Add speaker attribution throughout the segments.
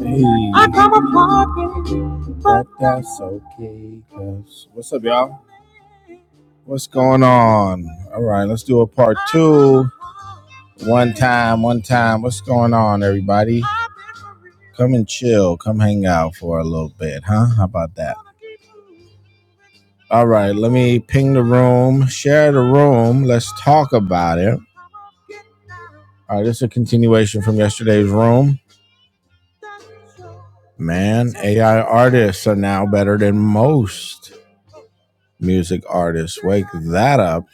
Speaker 1: Hey, if that's okay. 'cause- What's up, y'all? What's going on? All right, let's do a part two. One time, one time. What's going on, everybody? Come and chill. Come hang out for a little bit, huh? How about that? All right, let me ping the room, share the room. Let's talk about it. All right, this is a continuation from yesterday's room. Man, AI artists are now better than most music artists. Wake that up.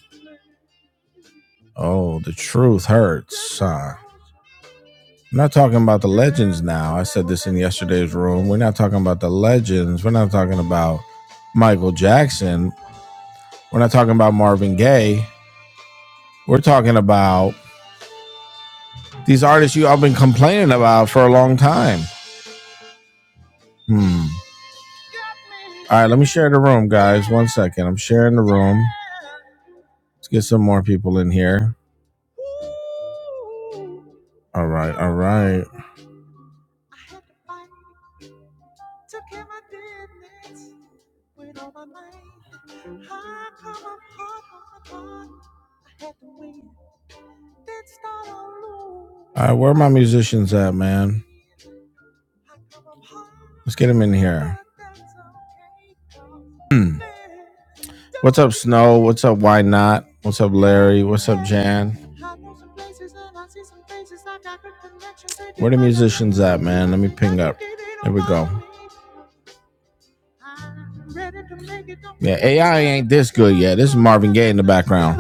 Speaker 1: Oh, the truth hurts, huh? I'm not talking about the legends now. I said this in yesterday's room. We're not talking about the legends. We're not talking about Michael Jackson. We're not talking about Marvin Gaye. We're talking about these artists you all been complaining about for a long time. Hmm. All right, let me share the room, guys. One second. I'm sharing the room. Let's get some more people in here. All right, all right. All right, where are my musicians at, man? Let's get them in here. Hmm. up, Snow? What's up, Why Not? What's up, Larry? What's man? Musicians at, man? Let me pick Ain't this. background.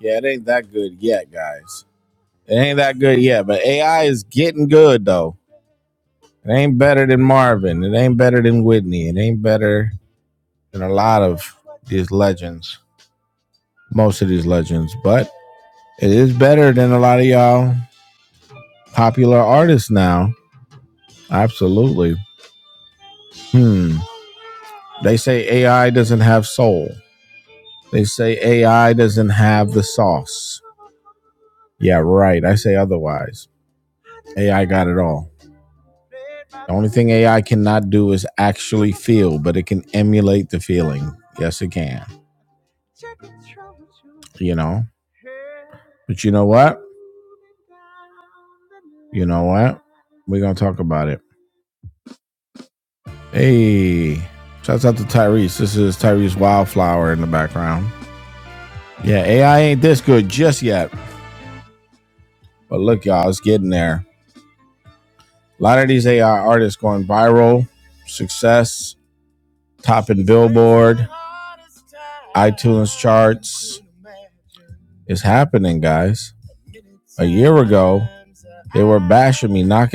Speaker 1: Yeah, it ain't that good yet, guys. It ain't that good yet, but AI is getting good though. It ain't better than Marvin. It ain't better than Whitney. It ain't better than a lot of these legends. Most of these legends, but it is better than a lot of y'all popular artists now. Absolutely. Hmm. They say AI doesn't have soul. They say AI doesn't have the sauce. Yeah, right. I say otherwise. AI got it all. The only thing AI cannot do is actually feel, but it can emulate the feeling. Yes, it can. You know. But you know what? You know what? We're gonna talk about it. Hey, shouts out to Tyrese. This is Tyrese Wildflower in the background. Yeah, AI ain't this good just yet, but look, y'all, it's getting there. A lot of these AI artists going viral, success, topping is happening, guys.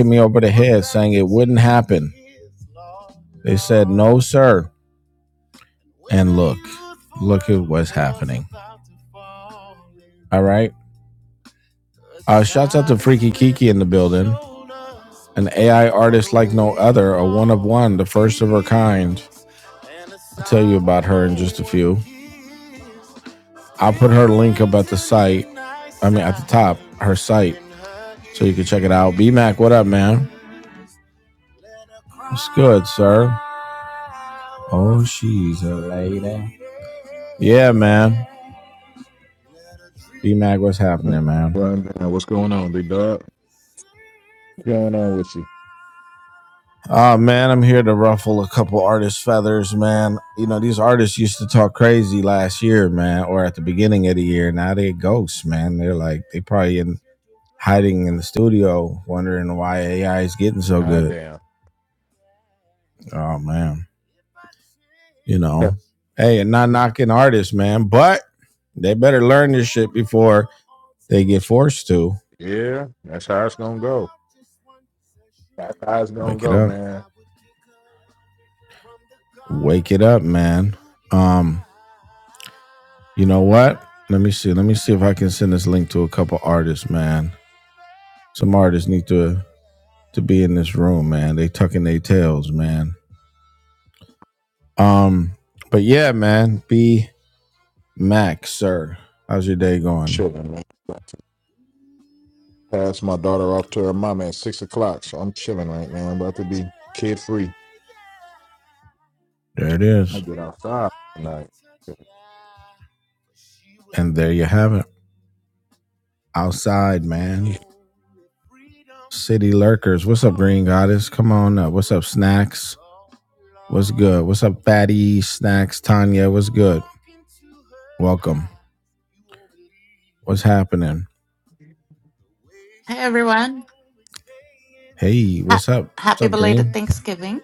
Speaker 1: Me over there. They say, no, sir. All right. key in the An AI artist like no other, a one of one, the first of her kind. I'll tell you about her in just a few. I'll put her link up at the site. I mean, at the top, her site, so you can check it out. BMAC, what up, man? What's good, sir? Oh, she's a lady. Yeah, man. BMAC, what's happening, man?
Speaker 2: Right now, what's going on, big dog? What's going on with you?
Speaker 1: Oh, man, I'm here to ruffle a couple artists' feathers, man. You know, these artists used to talk crazy last year, man, or at the beginning of the year. Now they're ghosts, man. They're like, they probably in hiding in the studio, wondering why AI is getting so
Speaker 2: God
Speaker 1: good.
Speaker 2: damn.
Speaker 1: Oh man, you know, hey, and not knocking artists, man, but they better learn this shit before they get forced to.
Speaker 2: yeah, that's how it's gonna go. That's how it's gonna
Speaker 1: Wake it
Speaker 2: go,
Speaker 1: up,
Speaker 2: man.
Speaker 1: wake it up, man. Um, you know what? Let me see. Let me see if I can send this link to a couple artists, man. Some artists need to to be in this room, man. They tucking their tails, man. Um, but yeah, man. B Max, sir. How's your day going?
Speaker 2: Chilling, man. About to Pass my daughter off to her mom at six o'clock, so I'm chilling right now. I'm about to be kid free.
Speaker 1: There it is.
Speaker 2: I get outside tonight.
Speaker 1: And there you have it. Outside, man.
Speaker 2: Hey,
Speaker 1: City lurkers. What's up, Green Goddess? Come on up. What's up, Snacks? What's good? What's up, Fatty Snacks? Tanya, what's good? Welcome. What's happening?
Speaker 3: Hey everyone.
Speaker 1: Hey,
Speaker 3: Ha-
Speaker 1: what's up?
Speaker 3: happy
Speaker 1: up,
Speaker 3: belated
Speaker 1: Green?
Speaker 3: Thanksgiving.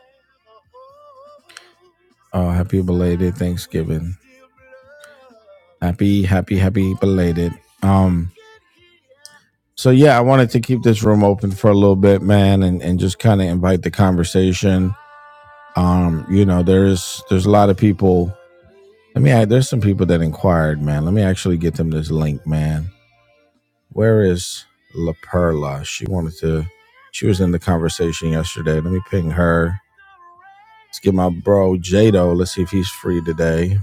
Speaker 1: Oh, happy belated Thanksgiving. Happy, happy, happy belated. Um, so yeah, I wanted to keep this room open for a little bit, man, and, and just kind of invite the conversation. Um, you know, there's there's a lot of people Let me. add- There's some people that inquired, man. Let me actually get them this link, man. Where is La Perla? She wanted to. She was in the conversation yesterday. Let me ping her. Let's get my bro Jado. Let's see if he's free today.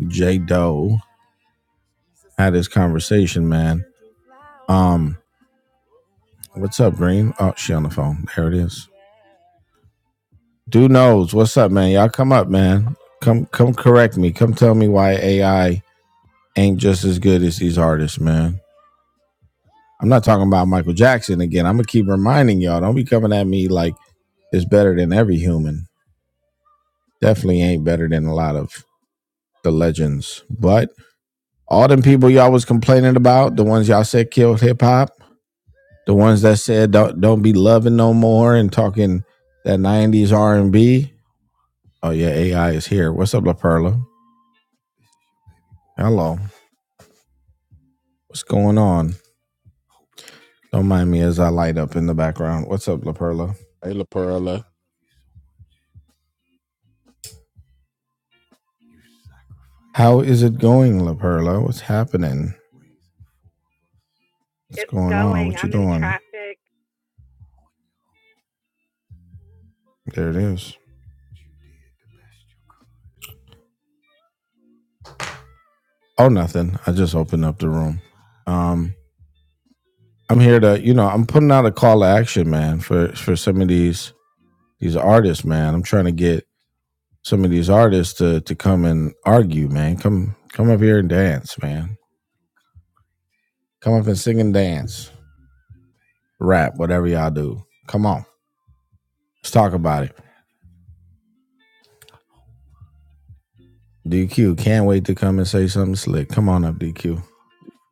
Speaker 1: Jado had his conversation, man. Um, what's up, Green? Oh, she on the phone. There it is. Dude knows. What's up, man? Y'all come up, man. Come, come correct me. Come tell me why AI ain't just as good as these artists, man. I'm not talking about Michael Jackson again. I'm gonna keep reminding y'all. Don't be coming at me like it's better than every human. Definitely ain't better than a lot of the legends. But all them people y'all was complaining about, the ones y'all said killed hip hop, the ones that said don't don't be loving no more and talking that '90s R&B. Oh yeah, AI is here. What's up, La Perla? Hello. What's going on? Don't mind me as I light up in the background. What's up, La Perla?
Speaker 2: La Perla.
Speaker 1: How is it going, La Perla? What's happening? What's
Speaker 4: It's
Speaker 1: going on?
Speaker 4: going.
Speaker 1: What you
Speaker 4: I'm in
Speaker 1: doing?
Speaker 4: traffic.
Speaker 1: There it is. Oh, nothing. I just opened up the room. Um, I'm here to, you know, I'm putting out a call to action, man, for for some of these these artists, man. I'm trying to get some of these artists to to come and argue, man. Come come up here and dance, man. Come up and sing and dance, rap, whatever y'all do. Come on, let's talk about it. DQ can't wait to come and say something slick. Come on up, DQ.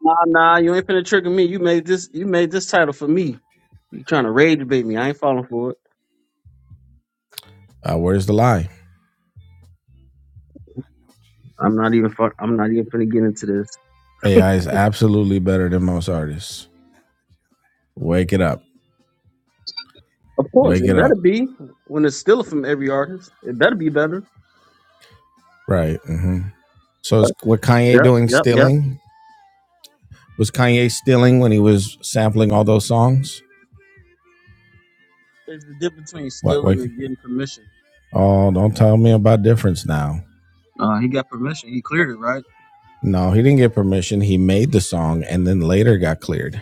Speaker 5: Nah, nah, you ain't finna trigger me. You made this. You made this title for me. You trying to rage debate me? I ain't falling for it.
Speaker 1: Uh, where's the lie?
Speaker 5: I'm not even. fu- I'm not even finna get into this.
Speaker 1: AI is absolutely better than most artists. Wake it up.
Speaker 5: Of course,
Speaker 1: Wake
Speaker 5: it
Speaker 1: it
Speaker 5: better
Speaker 1: up.
Speaker 5: be when it's stealing from every artist. It better be better.
Speaker 1: Right. hmm So is what Kanye
Speaker 5: Yep,
Speaker 1: doing
Speaker 5: yep, yep.
Speaker 1: stealing? Was Kanye stealing when he was sampling all those songs?
Speaker 5: There's a difference between
Speaker 1: What
Speaker 5: stealing
Speaker 1: wait
Speaker 5: and getting permission.
Speaker 1: oh don't tell me about difference now.
Speaker 5: Uh, he got permission. He cleared it, right?
Speaker 1: No, he didn't get permission. He made the song and then later got cleared.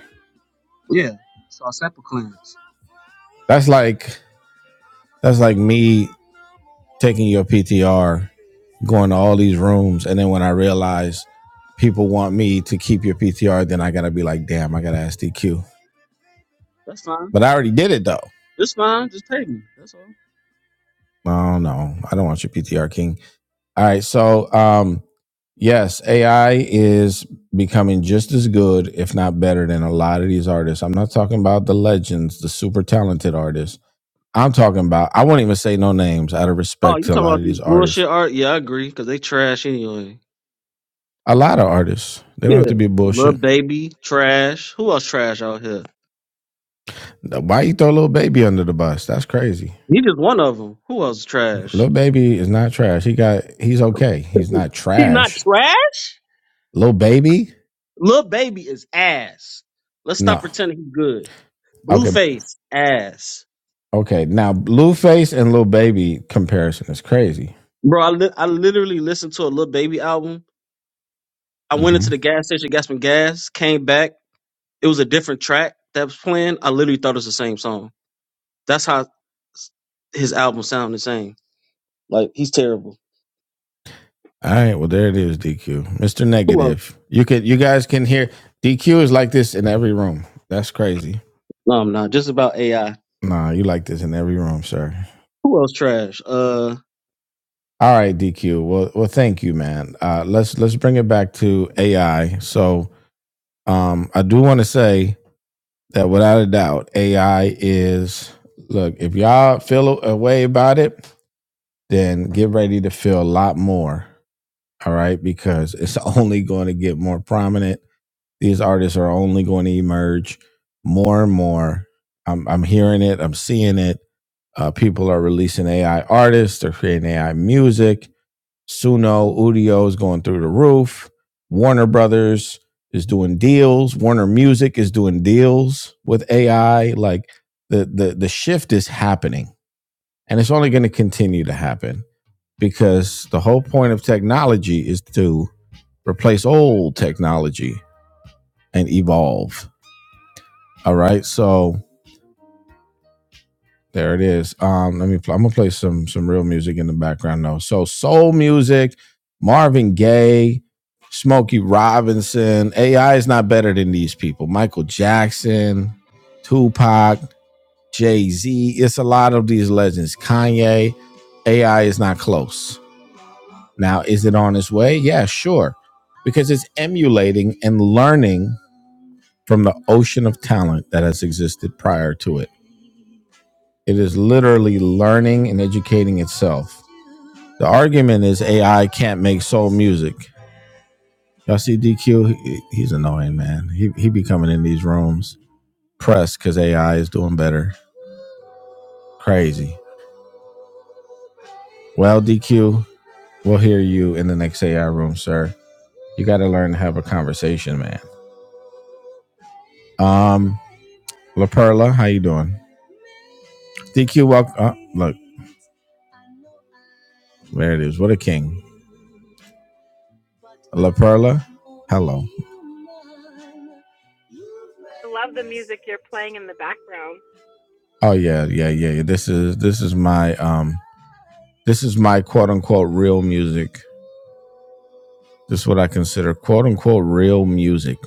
Speaker 5: Yeah. So I sample clearance.
Speaker 1: That's like that's like me taking your PTR, going to all these rooms, and then when I realize people want me to keep your PTR, then I gotta be like, damn, I gotta ask DQ.
Speaker 5: That's fine.
Speaker 1: But I already did it though.
Speaker 5: That's fine. Just pay me. That's all.
Speaker 1: Oh no, I don't want your PTR king. All right. So, um, yes, AI is becoming just as good, if not better, than a lot of these artists. I'm not talking about the legends, the super talented artists. I'm talking about, I won't even say no names out of
Speaker 5: Oh,
Speaker 1: respect
Speaker 5: you
Speaker 1: to a
Speaker 5: talking
Speaker 1: lot
Speaker 5: about
Speaker 1: of
Speaker 5: these
Speaker 1: these artists.
Speaker 5: bullshit art? Yeah, I agree. Cause they trash anyway.
Speaker 1: A lot of artists. They don't
Speaker 5: Yeah.
Speaker 1: have to be
Speaker 5: Lil
Speaker 1: bullshit.
Speaker 5: baby trash. Who else trash out here?
Speaker 1: Why you throw little baby under the bus? That's crazy.
Speaker 5: He just one of them. Who else is trash?
Speaker 1: Little baby is not trash. He got he's okay. He's not
Speaker 5: He not
Speaker 1: trash.
Speaker 5: trash.
Speaker 1: Little baby?
Speaker 5: Lil baby is ass. Let's stop
Speaker 1: No.
Speaker 5: pretending he's good.
Speaker 1: Okay.
Speaker 5: Blueface ass.
Speaker 1: Okay. Now Blueface and Little Baby comparison is crazy
Speaker 5: Bro, I, li- I literally listened to a Lil Baby album. I went
Speaker 1: Mm-hmm.
Speaker 5: into the gas station, got some gas, came back. It was a different track that was playing. I literally thought it was the same song. That's how s- his album sound the same. Like he's terrible.
Speaker 1: All right, well there it is, DQ, Mister
Speaker 5: Who else?
Speaker 1: Negative. You could, you guys can hear DQ is like this in every room. That's crazy.
Speaker 5: No, I'm not. Just about AI.
Speaker 1: Nah, you like this in every room, sir.
Speaker 5: Who else trash? Uh,
Speaker 1: All right, DQ. Well, well, thank you, man. Uh, let's let's bring it back to AI. So, um, I do want to say that without a doubt, AI is look. If y'all feel a way about it, then get ready to feel a lot more. All right, because it's only going to get more prominent These artists are only going to emerge more and more. I'm, I'm hearing it, I'm seeing it. Uh, people are releasing AI artists, they're creating AI music. Suno, Udio is going through the roof. Warner Brothers is doing deals. Warner Music is doing deals with AI. Like the the the shift is happening, and it's only going to continue to happen because the whole point of technology is to replace old technology and evolve. All right, so there it is. Um, let me. Play, I'm gonna play some some real music in the background though. So soul music, Marvin Gaye, Smokey Robinson. AI is not better than these people. Michael Jackson, Tupac, Jay Z. It's a lot of these legends. Kanye, AI is not close. Now, is it on its way? Yeah, sure, because it's emulating and learning from the ocean of talent that has existed prior to it It is literally learning and educating itself. The argument is AI can't make soul music. Y'all see DQ? He- he's annoying, man. He, he be coming in these rooms pressed because AI is doing better. Crazy. Well, DQ, we'll hear you in the next AI room, sir. You got to learn to have a conversation, man. Um, La Perla, how you doing? DQ, welcome. Uh, look, there it is. What a king. La Perla, hello.
Speaker 4: I love the music you're playing in the background.
Speaker 1: Oh yeah, yeah, yeah. yeah. This is this is my um This is my quote unquote real music. This is what I consider quote unquote real music.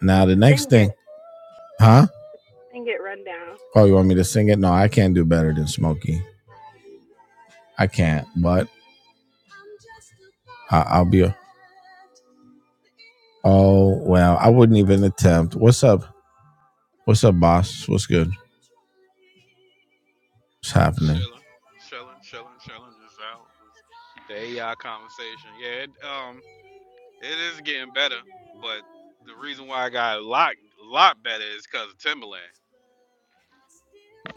Speaker 1: Now, the
Speaker 4: Sing
Speaker 1: next thing,
Speaker 4: it.
Speaker 1: huh?
Speaker 4: Sing it, Rundown.
Speaker 1: Oh, you want me to sing it? No, I can't do better than Smokey. I can't, but I- I'll be. oh, well, I wouldn't even attempt. What's up? What's up, boss? What's good? What's happening?
Speaker 6: Chilling, chilling, chilling, chilling. Just out. Just the AI conversation. Yeah, it, um, it is getting better, but the reason why I got a lot, lot better is because of Timberland.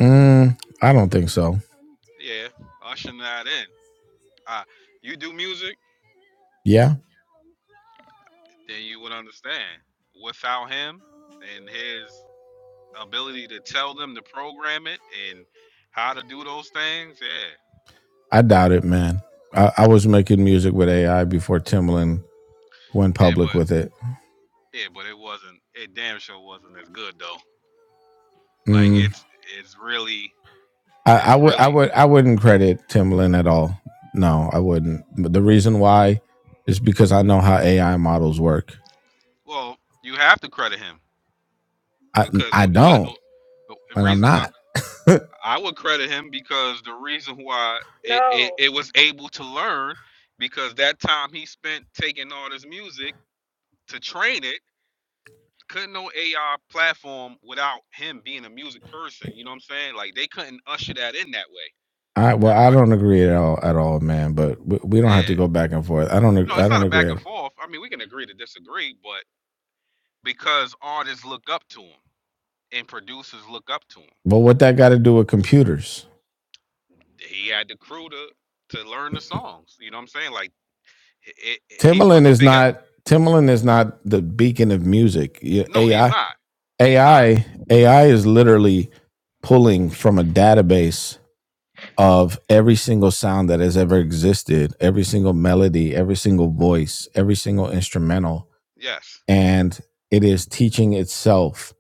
Speaker 1: Mm, I don't think so.
Speaker 6: Yeah, ushering that in. Uh, you do music,
Speaker 1: Yeah,
Speaker 6: then you would understand. Without him and his ability to tell them to program it and how to do those things, yeah,
Speaker 1: I doubt it, man. I, I was making music with AI before Timbaland went
Speaker 6: yeah, but
Speaker 1: public with it.
Speaker 6: yeah, but it wasn't. It damn sure wasn't as good though. Like
Speaker 1: Mm,
Speaker 6: it's it's really
Speaker 1: I,
Speaker 6: is
Speaker 1: I would I
Speaker 6: really
Speaker 1: would I wouldn't credit Timbaland at all. No, I wouldn't. But the reason why is because I know how AI models work.
Speaker 6: well. You have to credit him
Speaker 1: I
Speaker 6: because
Speaker 1: I
Speaker 6: wh- what uh,
Speaker 1: don't,
Speaker 6: the
Speaker 1: and I'm
Speaker 6: reason I,
Speaker 1: not.
Speaker 6: I would credit him because the reason why it, it,
Speaker 4: No.
Speaker 6: it was able to learn because that time he spent taking all this music to train it couldn't no AI platform without him being a music person. You know what I'm saying? Like they couldn't usher that in that way.
Speaker 1: I well, I
Speaker 6: Everybody,
Speaker 1: don't agree at all at all, man. But we, we
Speaker 6: yeah.
Speaker 1: don't have to go back and forth. I don't
Speaker 6: No,
Speaker 1: I
Speaker 6: it's not
Speaker 1: don't
Speaker 6: a back
Speaker 1: agree at
Speaker 6: and
Speaker 1: all.
Speaker 6: forth. I mean, we can agree to disagree, but because artists look up to him and producers look up to him.
Speaker 1: But what that got to do with computers?
Speaker 6: he had the crew to to learn the songs. You know what I'm saying? Like it, it, he was
Speaker 1: Timbaland
Speaker 6: a
Speaker 1: is
Speaker 6: big help.
Speaker 1: not Timbaland is not the beacon of music. Yeah,
Speaker 6: No, he's
Speaker 1: AI
Speaker 6: not. He's not.
Speaker 1: AI AI is literally pulling from a database of every single sound that has ever existed, every single melody, every single voice, every single instrumental,
Speaker 6: Yes.
Speaker 1: and it is teaching itself.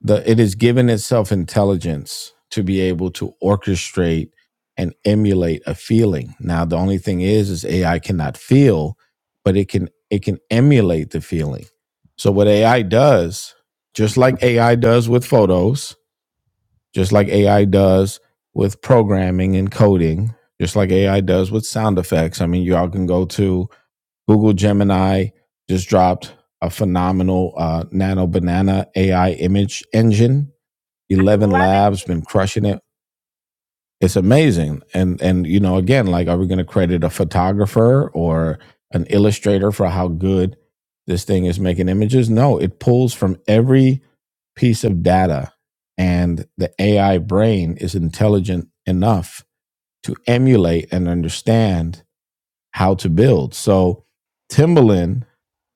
Speaker 1: The it is giving itself intelligence to be able to orchestrate and emulate a feeling. Now, the only thing is, is AI cannot feel, but it can it can emulate the feeling. So what AI does, just like AI does with photos, just like AI does with programming and coding, just like AI does with sound effects. I mean, y'all can go to Google Gemini, just dropped a phenomenal uh, nano banana AI image engine.
Speaker 4: I
Speaker 1: 11
Speaker 4: love
Speaker 1: Labs
Speaker 4: it.
Speaker 1: been crushing it it's amazing and and you know again like are we going to credit a photographer or an illustrator for how good this thing is making images no it pulls from every piece of data and the ai brain is intelligent enough to emulate and understand how to build so timbaland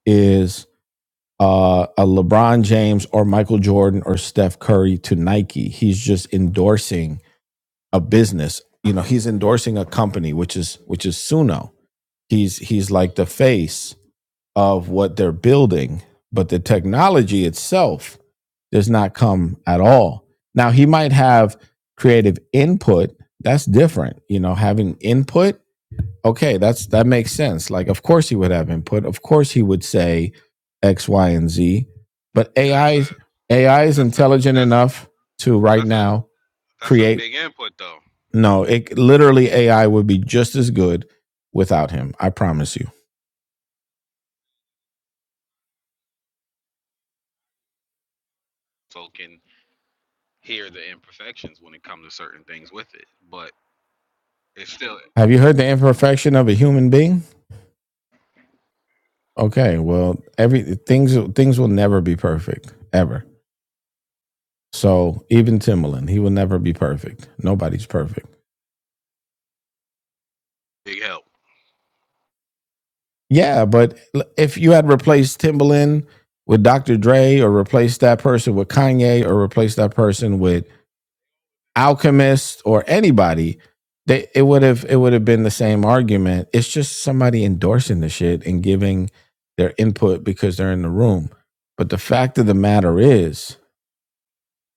Speaker 1: is uh, a lebron james or michael jordan or steph curry to nike he's just endorsing a business. You know, he's endorsing a company, which is which is Suno. He's he's like the face of what they're building, but the technology itself does not come at all. Now he might have creative input. That's different. You know, having input. Okay, that's that makes sense. Like, of course he would have input. Of course he would say X, Y, and Z. But
Speaker 6: Yeah, that's
Speaker 1: AI
Speaker 6: a
Speaker 1: AI is
Speaker 6: that's a
Speaker 1: intelligent
Speaker 6: that's
Speaker 1: enough to right
Speaker 6: that's a
Speaker 1: now
Speaker 6: that's a
Speaker 1: create
Speaker 6: big input though.
Speaker 1: no, it literally AI would be just as good without him. I promise you.
Speaker 6: So can hear the imperfections when it comes to certain things with it, but it's still a
Speaker 1: Have you heard the imperfection of a human being? Okay, well, every things things will never be perfect ever. So even Timbaland, he will never be perfect. Nobody's perfect.
Speaker 6: big help.
Speaker 1: Yeah, but if you had replaced Timbaland with Dr. Dre, or replaced that person with Kanye, or replaced that person with Alchemist or anybody, they it would have it would have been the same argument. It's just somebody endorsing the shit and giving their input because they're in the room. But the fact of the matter is,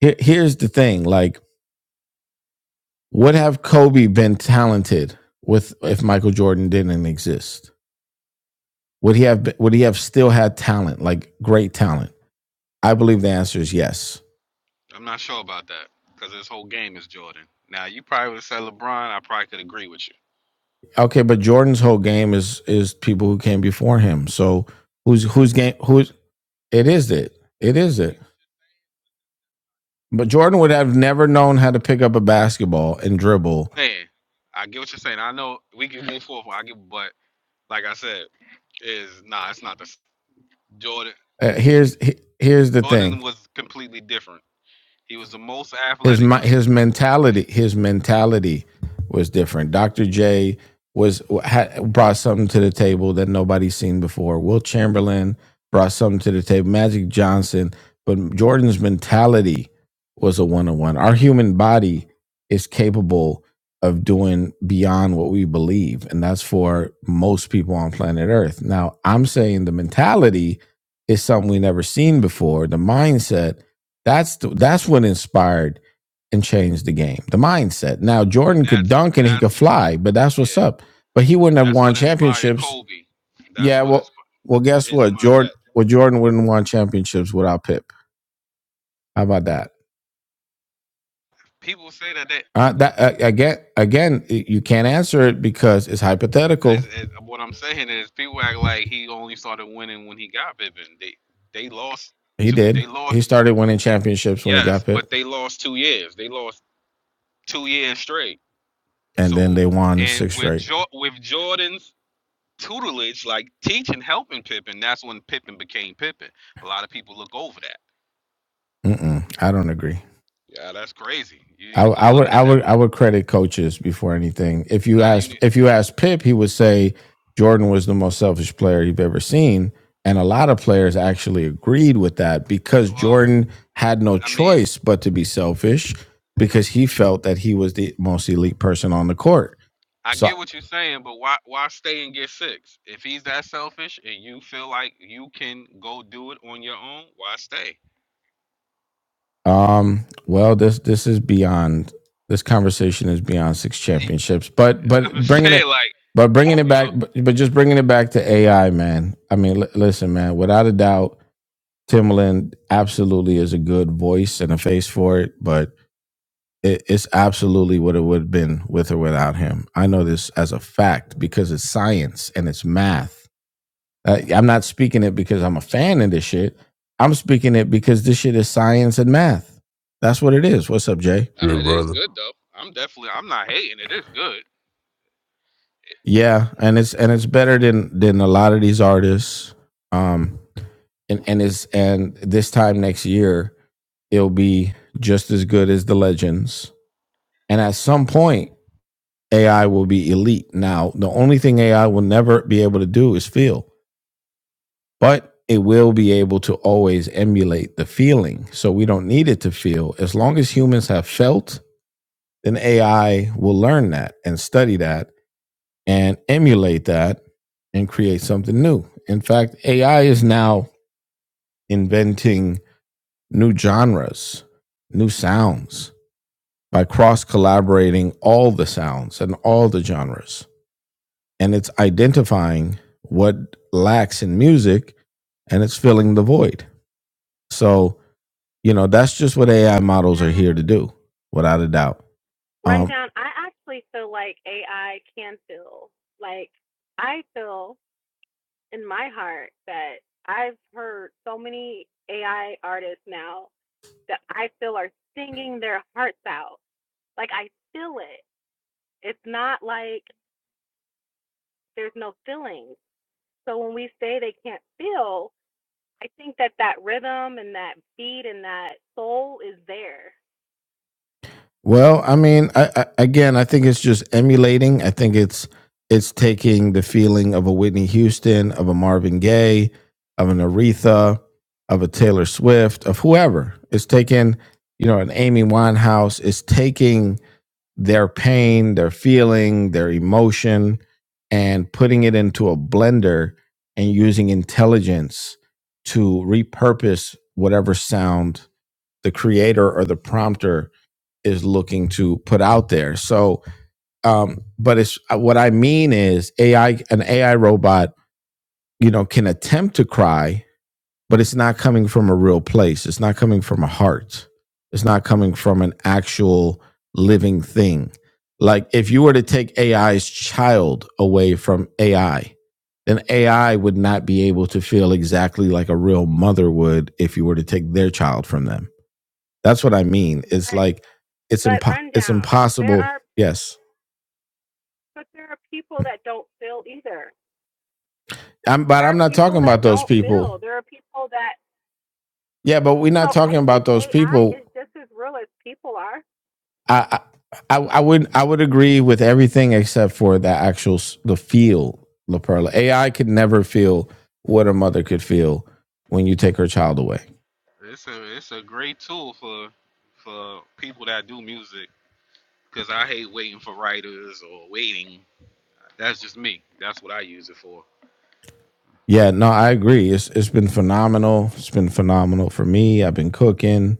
Speaker 1: here, here's the thing: like, would have Kobe been talented with if Michael Jordan didn't exist? Would he have would he have still had talent, like great talent? I believe the answer is yes.
Speaker 6: I'm not sure about that because this whole game is Jordan. Now you probably would have said LeBron. I probably could agree with you.
Speaker 1: Okay, but Jordan's whole game is is people who came before him. So who's who's game who's It is it. It is it. But Jordan would have never known how to pick up a basketball and dribble.
Speaker 6: Hey, I get what you're saying. I know we can move forward. I get, but like I said, is nah, it's not the Jordan.
Speaker 1: Uh, here's he- here's the thing.
Speaker 6: Jordan was completely different. He was the most
Speaker 1: his
Speaker 6: athletic,
Speaker 1: his mentality
Speaker 6: and
Speaker 1: his mentality was different. Dr. J was had, brought something to the table that nobody's seen before. Will Chamberlain brought something to the table. Magic Johnson, but Jordan's mentality was a one on one. Our human body is capable of doing beyond what we believe, and that's for most people on planet Earth. Now, I'm saying the mentality is something we never seen before. The mindset that's the, that's what inspired and change the game. The mindset. Now Jordan could
Speaker 6: that's
Speaker 1: dunk and he could
Speaker 6: that's
Speaker 1: fly, but that's
Speaker 6: yeah,
Speaker 1: what's up. But he wouldn't have
Speaker 6: that's
Speaker 1: won
Speaker 6: what inspired
Speaker 1: championships.
Speaker 6: Kobe. That's
Speaker 1: Yeah,
Speaker 6: what
Speaker 1: well,
Speaker 6: inspired
Speaker 1: well, guess
Speaker 6: his
Speaker 1: what? Jordan,
Speaker 6: mindset.
Speaker 1: well, Jordan wouldn't have won championships without Pip. How about that?
Speaker 6: People say that that
Speaker 1: Uh, that uh, again, again, you can't answer it because it's hypothetical.
Speaker 6: as, as what I'm saying is people act like he only started winning when he got Pippen. They they lost
Speaker 1: He
Speaker 6: two.
Speaker 1: did.
Speaker 6: They lost
Speaker 1: He started winning championships when he
Speaker 6: yes,
Speaker 1: got
Speaker 6: but
Speaker 1: Pip,
Speaker 6: they lost two years. They lost two years straight.
Speaker 1: and then
Speaker 6: So
Speaker 1: they won
Speaker 6: and
Speaker 1: six
Speaker 6: with
Speaker 1: straight.
Speaker 6: jo- with Jordan's tutelage, like teaching, helping Pippen, that's when Pippen became Pippen. A lot of people look over that.
Speaker 1: Mm-mm, I don't agree.
Speaker 6: Yeah, that's crazy. You need
Speaker 1: I,
Speaker 6: to go
Speaker 1: I would
Speaker 6: look at
Speaker 1: I would
Speaker 6: that.
Speaker 1: I would credit coaches before anything. If you
Speaker 6: Nah, you
Speaker 1: ask
Speaker 6: need.
Speaker 1: if you ask Pip, he would say Jordan was the most selfish player you've ever seen, and a lot of players actually agreed with that because
Speaker 6: Well,
Speaker 1: Jordan had no
Speaker 6: I mean,
Speaker 1: choice but to be selfish because he felt that he was the most elite person on the court.
Speaker 6: I
Speaker 1: So
Speaker 6: get what you're saying, but why why stay and get six? If he's that selfish and you feel like you can go do it on your own, why stay?
Speaker 1: Um, well, this this is beyond this conversation is beyond six
Speaker 6: Y-
Speaker 1: championships, but
Speaker 6: I'm
Speaker 1: but
Speaker 6: just
Speaker 1: bringing
Speaker 6: saying,
Speaker 1: it,
Speaker 6: like
Speaker 1: but bringing it
Speaker 6: you know,
Speaker 1: back, but, but just bringing it back to AI, man. I mean, l- listen, man. Without a doubt, Timbaland absolutely is a good voice and a face for it, but it, it's absolutely what it would have been with or without him. I know this as a fact because it's science and it's math uh, I'm not speaking it because I'm a fan of this shit. I'm speaking it because this shit is science and math. That's what it is. What's up, Jay?
Speaker 6: nah,
Speaker 7: Good
Speaker 6: it is
Speaker 7: brother.
Speaker 6: good though. I'm definitely, I'm not hating. It is good.
Speaker 1: Yeah, and it's and it's better than than a lot of these artists. Um, and and is and this time next year it'll be just as good as the legends. And at some point, AI will be elite. Now, the only thing AI will never be able to do is feel. but it will be able to always emulate the feeling. So we don't need it to feel. As long as humans have felt, then AI will learn that and study that and emulate that and create something new. In fact, AI is now inventing new genres, new sounds by cross collaborating all the sounds and all the genres. And it's identifying what lacks in music and it's filling the void. So you know that's just what ai models are here to
Speaker 4: Rundown.
Speaker 1: do without a doubt um
Speaker 4: Rundown. I actually feel like AI can feel. Like, I feel in my heart that I've heard so many AI artists now that I feel are singing their hearts out. Like, I feel it. It's not like there's no feelings. So when we say they can't feel, I think that that rhythm and that beat and that soul is there.
Speaker 1: well i mean I, I again i think it's just emulating i think it's it's taking the feeling of a whitney houston of a marvin gaye of an aretha of a taylor swift of whoever it's taking you know an amy winehouse it's taking their pain, their feeling, their emotion, and putting it into a blender and using intelligence to repurpose whatever sound the creator or the prompter is looking to put out there. So, um, but it's uh, what I mean is AI, an AI robot, you know, can attempt to cry, but it's not coming from a real place. It's not coming from a heart. It's not coming from an actual living thing. Like if you were to take AI's child away from AI, then AI would not be able to feel exactly like a real mother would if you were to take their child from them. That's what I mean. It's
Speaker 4: But
Speaker 1: like it's
Speaker 4: but
Speaker 1: impo- it's
Speaker 4: rundown. There
Speaker 1: impossible.
Speaker 4: are
Speaker 1: Yes.
Speaker 4: but there are people that don't feel either.
Speaker 1: I'm, but
Speaker 4: There are
Speaker 1: I'm not
Speaker 4: people
Speaker 1: talking about
Speaker 4: that
Speaker 1: those
Speaker 4: don't
Speaker 1: people.
Speaker 4: feel. There are people that
Speaker 1: Yeah, but we're not
Speaker 4: so I
Speaker 1: talking
Speaker 4: think
Speaker 1: about those
Speaker 4: AI
Speaker 1: people
Speaker 4: is just as real as people are.
Speaker 1: I, I I would I would agree with everything except for the actual the feel La Perla. AI could never feel what a mother could feel when you take her child away.
Speaker 6: It's a it's a great tool for for people that do music because I hate waiting for writers or waiting. That's just me. That's what I use it for.
Speaker 1: Yeah, no, I agree. It's it's been phenomenal. It's been phenomenal for me. I've been cooking.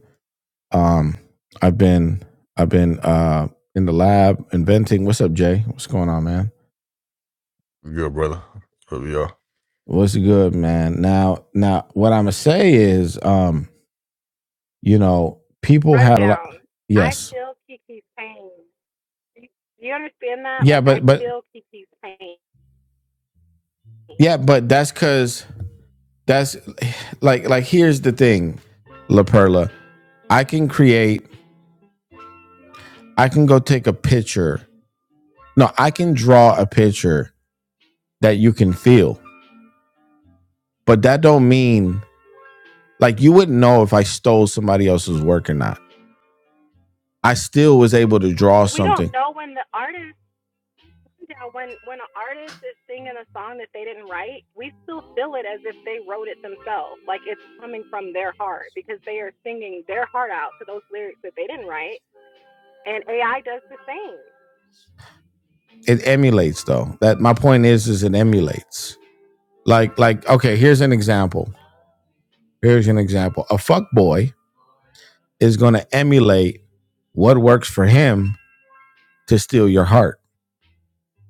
Speaker 1: Um, I've been I've been uh in the lab inventing. What's up, Jay? What's going on, man?
Speaker 7: Good brother. Love y'all.
Speaker 1: What's good, man? Now now what I'm gonna say is um you know people had a lot.
Speaker 4: Rundown. I
Speaker 1: Yes,
Speaker 4: feel Kiki's pain. Do you understand that?
Speaker 1: yeah,
Speaker 4: Like I
Speaker 1: but but
Speaker 4: feel Kiki's pain.
Speaker 1: Yeah, but that's cause that's like like here's the thing, La Perla. I can create, I can go take a picture. No, I can draw a picture that you can feel. But that don't mean like you wouldn't know if I stole somebody else's work or not. I still was able to draw
Speaker 4: We don't
Speaker 1: something.
Speaker 4: know when the artist Yeah, when when an artist is singing a song that they didn't write, we still feel it as if they wrote it themselves. Like it's coming from their heart because they are singing their heart out to those lyrics that they didn't write, and AI does the same.
Speaker 1: It emulates though. That my point is is it emulates. Like like okay, here's an example. Here's an example. A fuck boy is gonna emulate what works for him to steal your heart.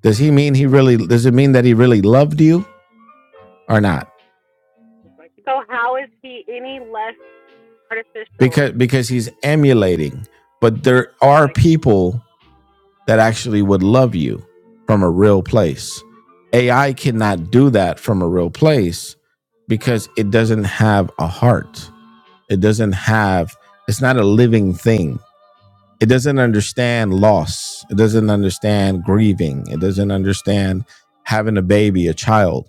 Speaker 1: Does he mean he really does it mean that he really loved you or not?
Speaker 4: So how is he any less artificial?
Speaker 1: Because because he's emulating. But there are
Speaker 4: Like
Speaker 1: people that actually would love you from a real place. AI cannot do that from a real place because it doesn't have a heart. It doesn't have it's not a living thing. It doesn't understand loss. It doesn't understand grieving. It doesn't understand having a baby, a child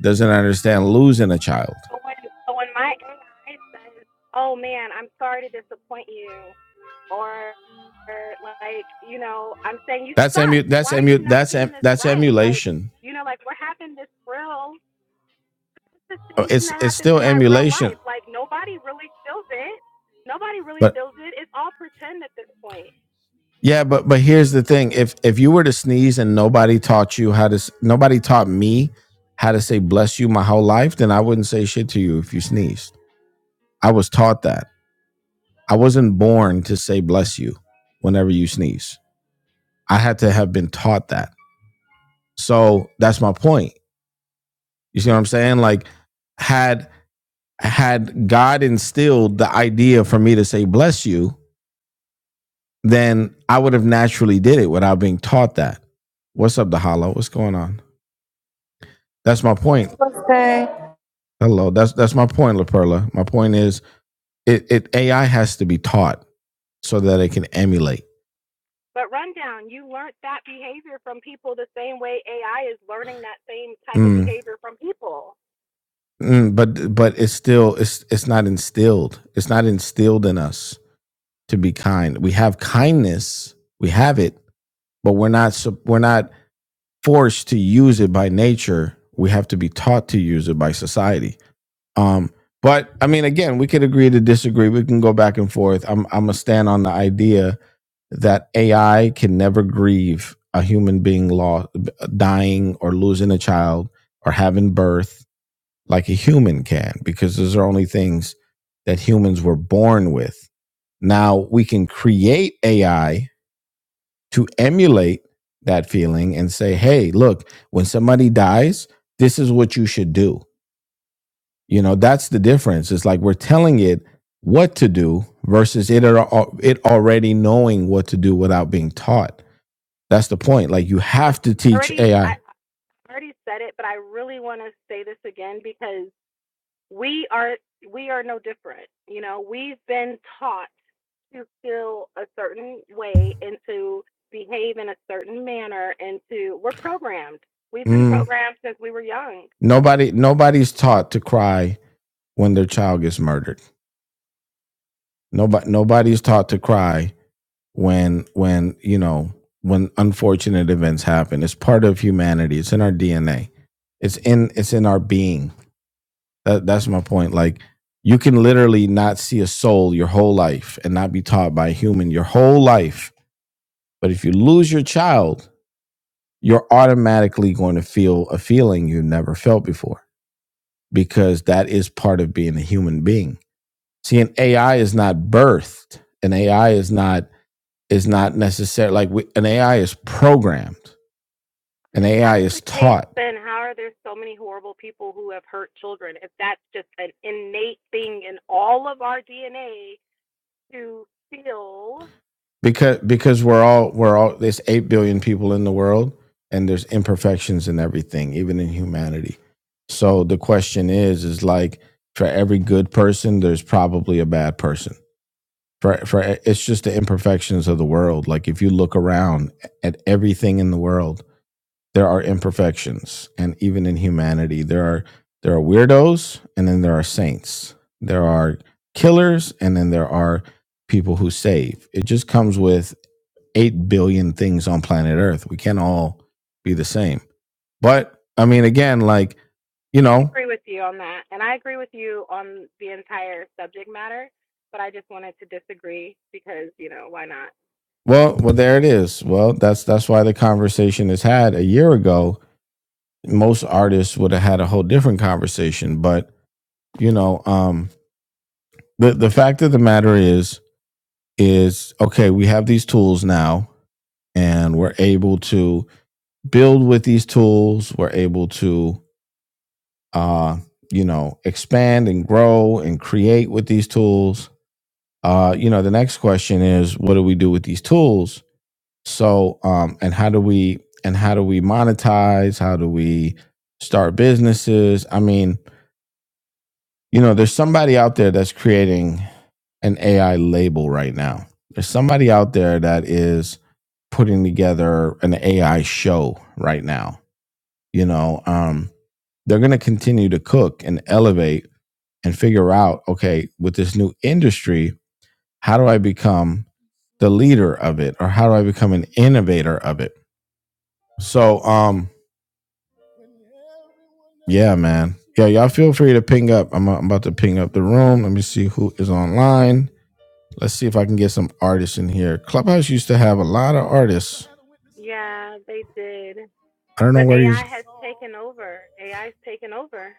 Speaker 1: doesn't understand losing a child.
Speaker 4: so when so when my AI says, "Oh man, I'm sorry to disappoint you," or or, like you know, I'm saying you
Speaker 1: That's
Speaker 4: suck.
Speaker 1: emu. That's
Speaker 4: Why are
Speaker 1: emu.
Speaker 4: you not
Speaker 1: That's
Speaker 4: getting
Speaker 1: em-
Speaker 4: this
Speaker 1: that's
Speaker 4: right? Like
Speaker 1: emulation.
Speaker 4: you know, like we're having this real it's the
Speaker 1: Uh,
Speaker 4: same thing
Speaker 1: It's
Speaker 4: that
Speaker 1: it's
Speaker 4: happens
Speaker 1: still
Speaker 4: in my real
Speaker 1: emulation.
Speaker 4: life. Like nobody really feels it. Nobody really
Speaker 1: But
Speaker 4: feels it. It's all pretend at this point.
Speaker 1: yeah, but but here's the thing: if if you were to sneeze and nobody taught you how to, s- nobody taught me how to say "bless you" my whole life, then I wouldn't say shit to you if you sneezed. I was taught that. I wasn't born to say "bless you" whenever you sneeze. I had to have been taught that. So that's my point. You see what I'm saying? Like had had God instilled the idea for me to say bless you, then I would have naturally did it without being taught that. What's up, Dahala? What's going on? That's my point.
Speaker 8: birthday.
Speaker 1: Hello. That's that's my point, La Perla. My point is it, it AI has to be taught so that it can emulate.
Speaker 4: But rundown, you learned that behavior from people the same way AI is learning that same type of
Speaker 1: Mm,
Speaker 4: behavior from people.
Speaker 1: mm, but but it's still it's it's not instilled. It's not instilled in us to be kind. We have kindness. We have it, but we're not we're not forced to use it by nature. We have to be taught to use it by society. Um, but I mean, again, we could agree to disagree. We can go back and forth. I'm I'm gonna stand on the idea that AI can never grieve a human being lost, dying or losing a child or having birth like a human can, because those are only things that humans were born with. Now we can create AI to emulate that feeling and say, hey, look, when somebody dies, this is what you should do. You know, that's the difference. It's like we're telling it what to do versus it al- it already knowing what to do without being taught. That's the point. Like you
Speaker 4: But
Speaker 1: have
Speaker 4: I
Speaker 1: to teach
Speaker 4: already I
Speaker 1: AI.
Speaker 4: I already said it, but I really want to say this again because we are we are no different. You know, we've been taught to feel a certain way and to behave in a certain manner and to we're programmed. We've been
Speaker 1: Mm,
Speaker 4: programmed since we were young.
Speaker 1: nobody nobody's taught to cry when their child gets murdered. Nobody nobody's taught to cry when when you know when unfortunate events happen. It's part of humanity. It's in our DNA. It's in it's in our being. That, that's my point. Like you can literally not see a soul your whole life and not be taught by a human your whole life. But if you lose your child, you're automatically going to feel a feeling you never felt before because that is part of being a human being. See, an AI is not birthed. An AI is not is not necessary. Like we, an AI is programmed, an
Speaker 4: If that's
Speaker 1: AI
Speaker 4: the
Speaker 1: is
Speaker 4: case,
Speaker 1: taught
Speaker 4: then how are there so many horrible people who have hurt children? If that's just an innate thing in all of our DNA to feel
Speaker 1: because because we're all we're all there's eight billion people in the world, and there's imperfections in everything, even in humanity. So the question is, is like for every good person, there's probably a bad person. For for it's just the imperfections of the world. Like if you look around at everything in the world, there are imperfections and even in humanity there are there are weirdos and then there are saints there are killers and then there are people who save it just comes with 8 billion things on planet earth we can't all be the same but i mean again like you
Speaker 4: I
Speaker 1: know
Speaker 4: agree with you on that, and I agree with you on the entire subject matter, but I just wanted to disagree because, you know, why not?
Speaker 1: well well there it is well that's that's why the conversation is had a year ago most artists would have had a whole different conversation but you know um the the fact of the matter is is okay, we have these tools now and we're able to build with these tools. We're able to, uh, you know, expand and grow and create with these tools. Uh, you know, the next question is what do we do with these tools? So, um, and how do we, and how do we monetize? How do we start businesses? I mean, you know, there's somebody out there that's creating an AI label right now. There's somebody out there that is putting together an AI show right now. You know, um, they're going to continue to cook and elevate and figure out, okay, with this new industry, how do I become the leader of it or how do I become an innovator of it? So, um, yeah, man. Yeah, y'all feel free to ping up. I'm, I'm about to ping up the room. Let me see who is online. Let's see if I can get some artists in here. Clubhouse used to have a lot of artists.
Speaker 4: Yeah, they did.
Speaker 1: I don't know
Speaker 4: But
Speaker 1: where he is.
Speaker 4: AI has taken over. AI's taken over.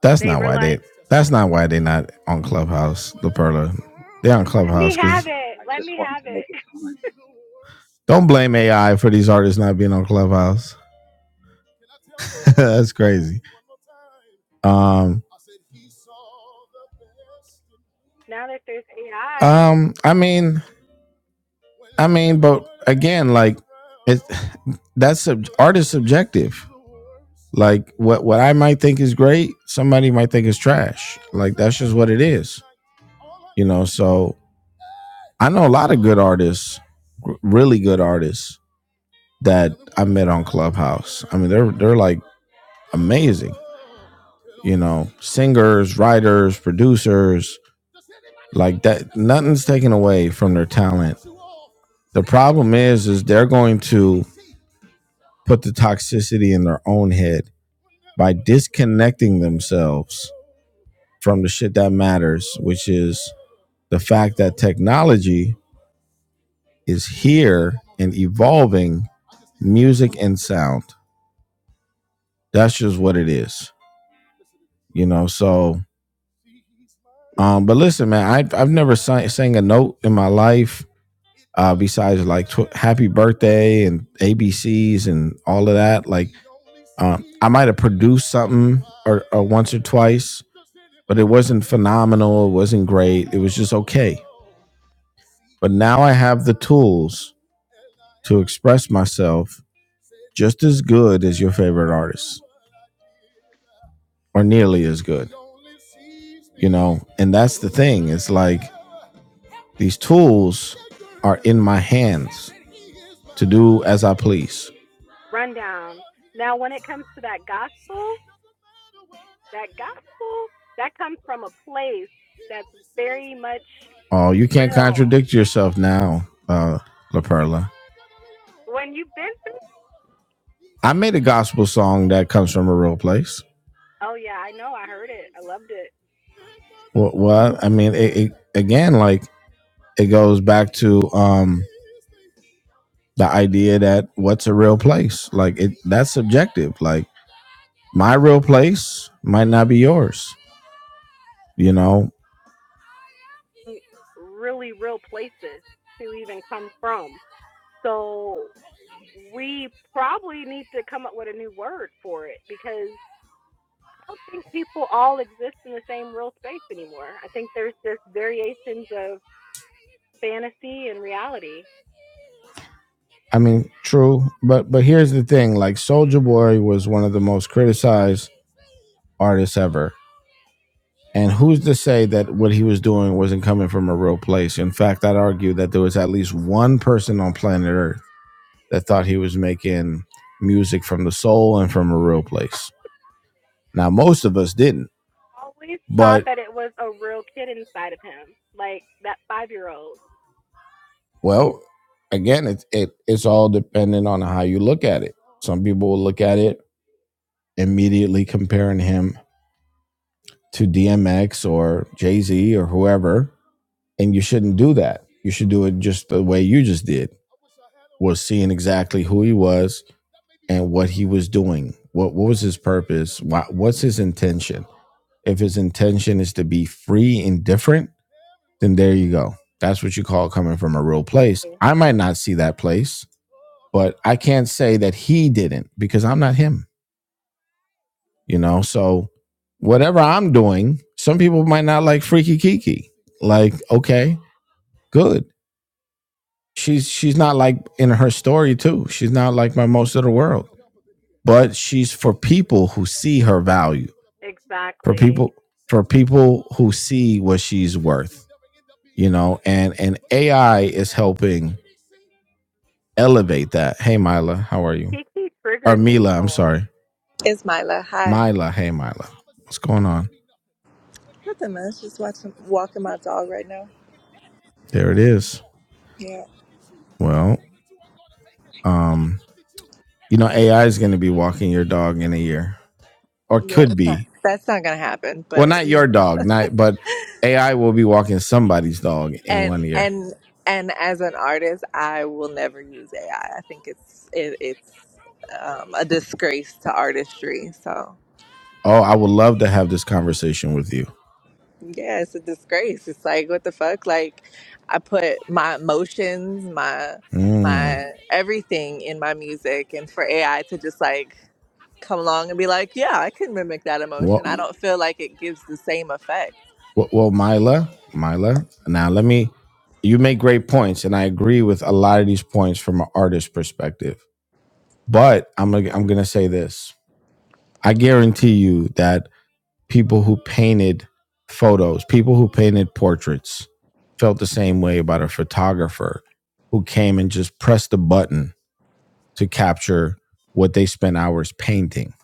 Speaker 1: That's
Speaker 4: They
Speaker 1: not why they.
Speaker 4: realized.
Speaker 1: That's not why they not on Clubhouse. The Perla.
Speaker 4: come
Speaker 1: They on
Speaker 4: on, let me
Speaker 1: Clubhouse
Speaker 4: have
Speaker 1: because
Speaker 4: it.
Speaker 9: I
Speaker 4: Let
Speaker 9: just
Speaker 4: me
Speaker 9: wanted
Speaker 4: have
Speaker 9: to make
Speaker 4: it.
Speaker 9: a comment.
Speaker 1: don't blame AI for these artists not being on Clubhouse. that's crazy. Um.
Speaker 4: Now that there's AI,
Speaker 1: Um. I mean. I mean. But again, like it. That's sub- artist subjective. Like what what I might think is great, somebody might think is trash. Like that's just what it is. You know. So I know a lot of good artists, r- really good artists that I met on Clubhouse. I mean, they're they're like amazing. You know, singers, writers, producers, like that. Nothing's taken away from their talent. The problem is, is they're going to put the toxicity in their own head by disconnecting themselves from the shit that matters, which is the fact that technology is here and evolving music and sound. That's just what it is, you know. So, um, but listen, man, I, I've never sang, sang a note in my life. uh, besides like tw- Happy Birthday and ABCs and all of that. Like, um, I might have produced something or, or once or twice, but it wasn't phenomenal. It wasn't great. It was just okay. But now I have the tools to express myself just as good as your favorite artist or nearly as good, you know? And that's the thing. It's like these tools are in my hands to do as I please
Speaker 4: rundown. Now, when it comes to that gospel, that gospel, that comes from a place that's very much
Speaker 1: Oh, you can't
Speaker 4: real.
Speaker 1: contradict yourself now, uh, La Perla.
Speaker 4: When you've been
Speaker 1: I made a gospel song that comes from a real place.
Speaker 4: Oh yeah, I know. I heard it. I loved it.
Speaker 1: What? what? I mean, it, it again, like it goes back to um the idea that what's a real place? Like it, that's subjective. Like my real place might not be yours. You know,
Speaker 4: Mm, Really
Speaker 1: It
Speaker 4: real places
Speaker 1: doesn't
Speaker 4: to
Speaker 1: matter what
Speaker 4: even
Speaker 1: I
Speaker 4: come
Speaker 1: did.
Speaker 4: from. So
Speaker 1: Oh, he only sees
Speaker 4: we
Speaker 1: me for who
Speaker 4: probably
Speaker 1: I
Speaker 4: need to
Speaker 1: am.
Speaker 4: come up with a new word for it
Speaker 1: Yeah,
Speaker 4: because
Speaker 1: yeah.
Speaker 4: I don't
Speaker 1: Yeah,
Speaker 4: think people all
Speaker 1: yeah.
Speaker 4: exist in the same
Speaker 1: I'm
Speaker 4: real
Speaker 1: so
Speaker 4: space anymore. I think
Speaker 1: glad
Speaker 4: there's just
Speaker 1: that he
Speaker 4: variations
Speaker 1: is
Speaker 4: of
Speaker 1: mine.
Speaker 4: fantasy and reality.
Speaker 1: And I am in his. I mean, true, but but here's the thing: like Soldier Boy was one of the most criticized artists ever. And who's to say that what he was doing wasn't coming from a real place? In fact, I'd argue that there was at least one person on planet Earth that thought he was making music from the soul and from a real place. Now, most of us didn't,
Speaker 4: always thought
Speaker 1: but
Speaker 4: that it was a real kid inside of him, like that five year old.
Speaker 1: well, again, it, it it's all dependent on how you look at it. Some people will look at it immediately comparing him to DMX or Jay Z or whoever, and you shouldn't do that. You should do it just the way you just did, was seeing exactly who he was and what he was doing. What what was his purpose? What what's his intention? If his intention is to be free and different, then there you go. That's what you call coming from a real place. I might not see that place, but I can't say that he didn't because I'm not him. You know, so whatever I'm doing, some people might not like Freaky Kiki. Like, okay, good. She's she's not like in her story too. She's not like my most of the world, but she's for people who see her value for
Speaker 4: Exactly.
Speaker 1: people for people who see what she's worth you know and and ai is helping elevate that hey mila how are you
Speaker 4: Kiki
Speaker 1: or
Speaker 4: triggers
Speaker 1: mila i'm
Speaker 4: people
Speaker 1: sorry
Speaker 10: It's Mila. Hi.
Speaker 1: mila hey mila what's going on
Speaker 10: Nothing much. Just watching, walking my dog right now.
Speaker 1: there it is
Speaker 10: Yeah,
Speaker 1: well um you know ai is going to be walking your dog in a year or
Speaker 10: yeah.
Speaker 1: could
Speaker 10: That's not,
Speaker 1: be
Speaker 10: that's not gonna happen.
Speaker 1: Well,
Speaker 10: But
Speaker 1: not
Speaker 10: you know,
Speaker 1: your dog, not but AI will be walking somebody's dog in
Speaker 10: and
Speaker 1: one year.
Speaker 10: and and as an artist, I will never use AI. I I think it's it, it's um, a disgrace to artistry. So.
Speaker 1: Oh, I would love to have this conversation with you.
Speaker 10: Yeah, it's a disgrace. It's like what the fuck? Like I put my emotions, my my
Speaker 1: Mm.
Speaker 10: Mhm. everything in my music and for AI to just like come along and be like, "Yeah, I can mimic that emotion."
Speaker 1: Well,
Speaker 10: I don't feel like it gives the same effect.
Speaker 1: well, well, Mila, Mila. Now let me. You make great points, and I agree with a lot of these points from an artist's perspective. But I'm gonna, I'm gonna say this. I guarantee you that people who painted photos, people who painted portraits, felt the same way about a photographer who came and just pressed a button to capture what they spent hours painting.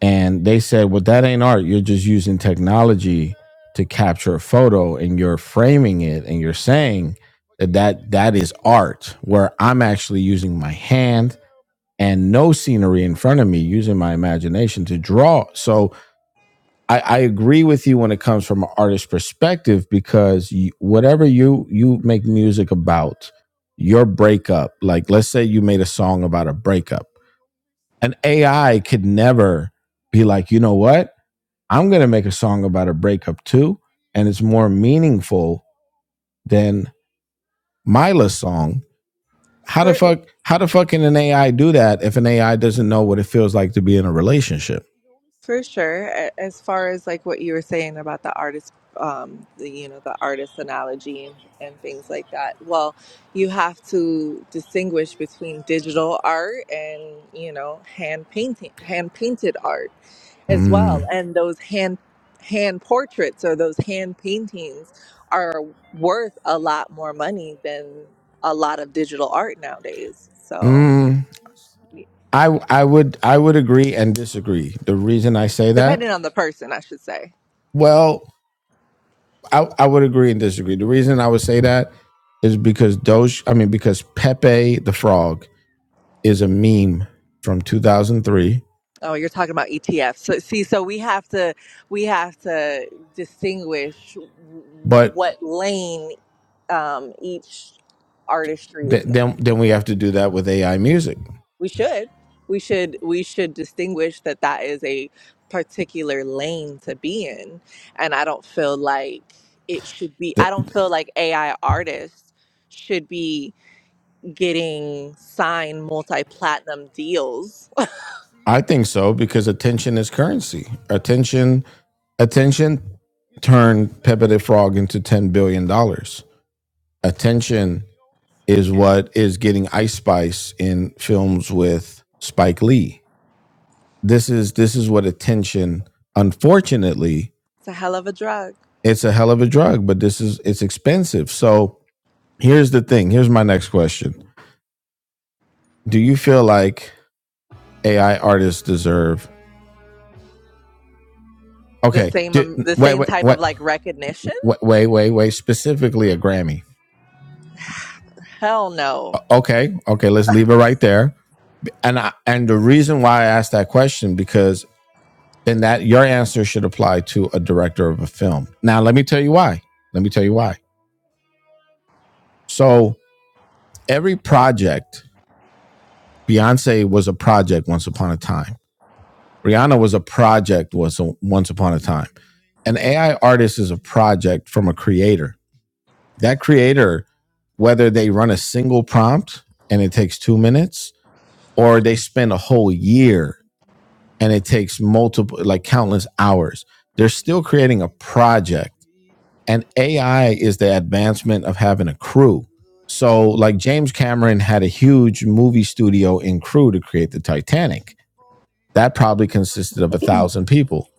Speaker 1: And they said, well, that ain't art. You're just using technology to capture a photo and you're framing it and you're saying that that, that is art, where I'm actually using my hand and no scenery in front of me, using my imagination to draw. So I, I agree with you when it comes from an artist's perspective because you, whatever you you make music about, your breakup, like let's say you made a song about a breakup an AI could never be like, you know what? I'm going to make a song about a breakup too, and it's more meaningful than Mila's song. How the
Speaker 10: For.
Speaker 1: fuck? How the fuck can an AI do that if an AI doesn't know what it feels like to be in a relationship?
Speaker 10: For sure. A- As far as like what you were saying about the artist, um, the, you know, the artist analogy and, and things like that. Well, you have to distinguish between digital art and you know hand painting, hand painted art as well. Mhm.
Speaker 1: Mm.
Speaker 10: And those hand hand portraits or those hand paintings are worth a lot more money than a lot of digital art nowadays. So,
Speaker 1: Mm. I I would I would agree and disagree. The reason I say that,
Speaker 10: depending on the person, I should say.
Speaker 1: well, I, I would agree and disagree. The reason I would say that is because Doge, I mean, because Pepe the Frog is a meme from 2003,
Speaker 10: Oh, you're talking about ETFs. So, see, so we have to we have to distinguish
Speaker 1: but
Speaker 10: what lane um, each artistry is
Speaker 1: th-
Speaker 10: in.
Speaker 1: then then we have to do that with AI music.
Speaker 10: We should we should we should distinguish that that is a particular lane to be in, and I don't feel like it should be. I
Speaker 1: Th-
Speaker 10: don't feel like AI artists should be getting signed multi platinum deals.
Speaker 1: I think so because attention is currency. Attention, attention turned Pepe the Frog into ten billion dollars. Attention is what is getting Ice Spice in films with Spike Lee. this is this is what attention unfortunately
Speaker 10: It's a hell of a drug.
Speaker 1: it's a hell of a drug but this is it's expensive so here's the thing here's my next question do you feel like ai artists deserve
Speaker 10: the
Speaker 1: okay
Speaker 10: same
Speaker 1: do,
Speaker 10: um, the
Speaker 1: wait
Speaker 10: same
Speaker 1: wait
Speaker 10: type
Speaker 1: wait
Speaker 10: of like recognition
Speaker 1: wait wait wait specifically a grammy
Speaker 10: hell no
Speaker 1: okay okay let's leave it right there and I, and the reason why i asked that question because then that your answer should apply to a director of a film now let me tell you why let me tell you why so every project Beyonce was a project once upon a time. Rihanna was a project was a, once upon a time. An AI artist is a project from a creator. That creator, whether they run a single prompt and it takes two minutes, or they spend a whole year and it takes multiple, like countless hours, they're still creating a project. And AI is the advancement of having a crew. So, like James Cameron had a huge movie studio and crew to create the Titanic that probably consisted of a thousand people.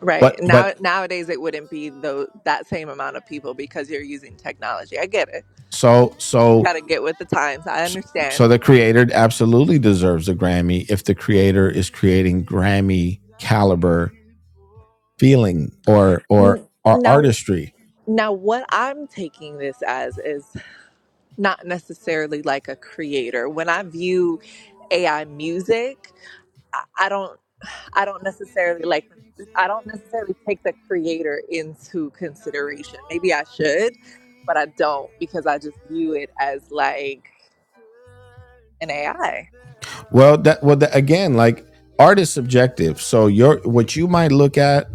Speaker 10: right
Speaker 1: But
Speaker 10: now
Speaker 1: but
Speaker 10: nowadays it wouldn't be though that same amount of people because you're using technology i get it
Speaker 1: so
Speaker 10: you
Speaker 1: so
Speaker 10: gotta get with the times i
Speaker 1: so
Speaker 10: understand
Speaker 1: the creator absolutely deserves a Grammy if the creator is creating Grammy caliber feeling or or
Speaker 10: N-
Speaker 1: or
Speaker 10: now
Speaker 1: artistry.
Speaker 10: now what i'm taking this as is not necessarily like a creator when i view ai music I I don't I don't necessarily like I don't necessarily take the creator into consideration. Maybe I should, but I don't because I just view it as like an AI. I
Speaker 1: Well, that well that, again like art is subjective. So your what you might look at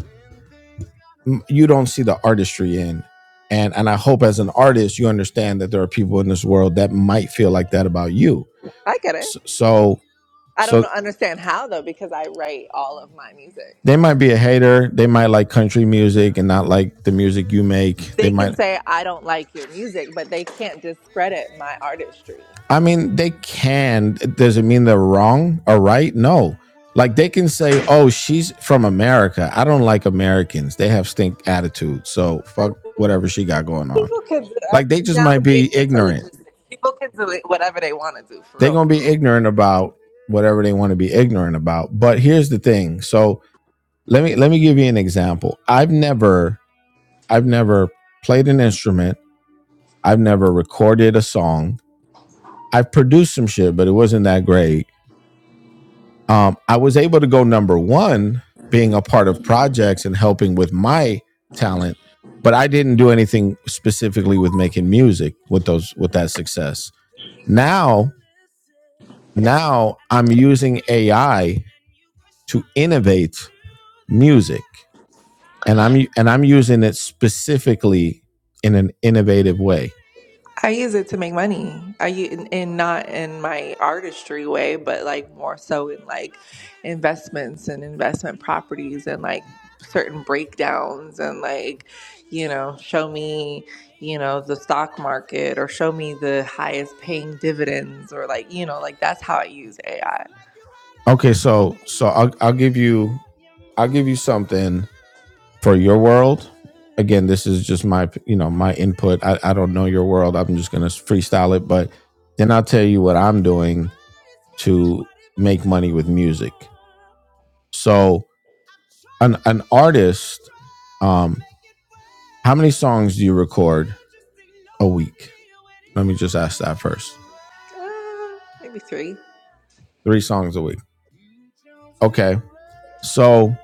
Speaker 1: you don't see the artistry in. And and I hope as an artist you understand that there are people in this world that might feel like that about you.
Speaker 10: I get it.
Speaker 1: So so
Speaker 10: I don't
Speaker 1: so
Speaker 10: know, understand how though because I write all of my music.
Speaker 1: they might be a hater. They might like country music and not like the music you make. They
Speaker 10: They can
Speaker 1: might,
Speaker 10: say I don't like your music, but they can't discredit my artistry.
Speaker 1: I mean, they can. Does it mean they're wrong or right? No. Like they can say, oh, she's from America. I don't like Americans. They have stink attitudes. So fuck whatever she got going on.
Speaker 10: People can do, I
Speaker 1: Like they
Speaker 10: mean,
Speaker 1: just
Speaker 10: now
Speaker 1: might
Speaker 10: we're
Speaker 1: be
Speaker 10: getting into
Speaker 1: ignorant.
Speaker 10: logistics. People can do it whatever they want to do, for
Speaker 1: They're
Speaker 10: real,
Speaker 1: going
Speaker 10: for
Speaker 1: to be
Speaker 10: real.
Speaker 1: ignorant about whatever they want to be ignorant about. But here's the thing. So let me, let me give you an example. I've never, I've never played an instrument I've never recorded a song. I've produced some shit, but it wasn't that great. Um, I was able to go number one being a part of projects and helping with my talent, but I didn't do anything specifically with making music with those with that success. Now, now I'm using AI to innovate music. and I'm and I'm using it specifically in an innovative way.
Speaker 10: I use it to make money. I u- and and not in my artistry way, but like more so in like investments and investment properties and like certain breakdowns and like you know show me you know the stock market or show me the highest paying dividends or like you know like that's how I use AI.
Speaker 1: Okay, so so I'll I'll give you I'll give you something for your world again this is just my you know my input i, I don't know your world i'm just going to freestyle it but then i'll tell you what i'm doing to make money with music so an, an artist um how many songs do you record a week let me just ask that first
Speaker 10: Uh, maybe three.
Speaker 1: three songs a week okay so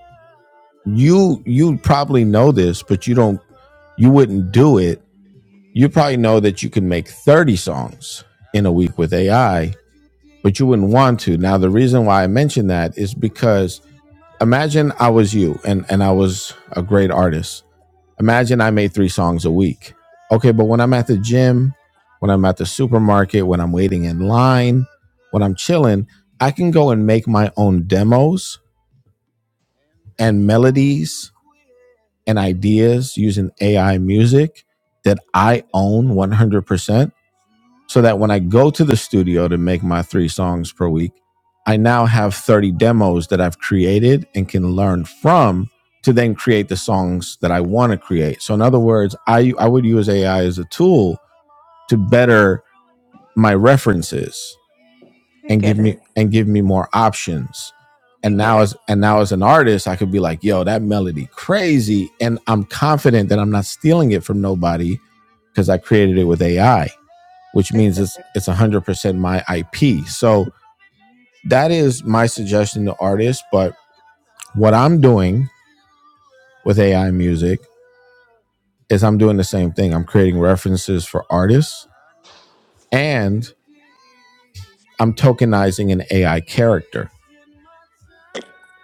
Speaker 1: you you probably know this but you don't you wouldn't do it you probably know that you can make 30 songs in a week with ai but you wouldn't want to. Now, the reason why I mention that is because imagine I was you and, and I was a great artist. Imagine I made three songs a week. Okay, but when I'm at the gym, when I'm at the supermarket, when I'm waiting in line, when I'm chilling, I can go and make my own demos and melodies and ideas using AI music that I own 100% so that when I go to the studio to make my three songs per week, I now have 30 demos that I've created and can learn from to then create the songs that I want to create. So in other words, I I would use AI as a tool to better my references
Speaker 10: I
Speaker 1: and give
Speaker 10: get it.
Speaker 1: me and give me more options.
Speaker 10: I
Speaker 1: And
Speaker 10: get
Speaker 1: now
Speaker 10: it.
Speaker 1: as and now as an artist, I could be like, "Yo, that melody crazy." And I'm confident that I'm not stealing it from nobody because I created it with AI which
Speaker 10: I
Speaker 1: means
Speaker 10: get
Speaker 1: it's
Speaker 10: it.
Speaker 1: it's 100% my IP. So that is my suggestion to artists, but what I'm doing with AI music is I'm doing the same thing. I'm creating references for artists and I'm tokenizing an AI character.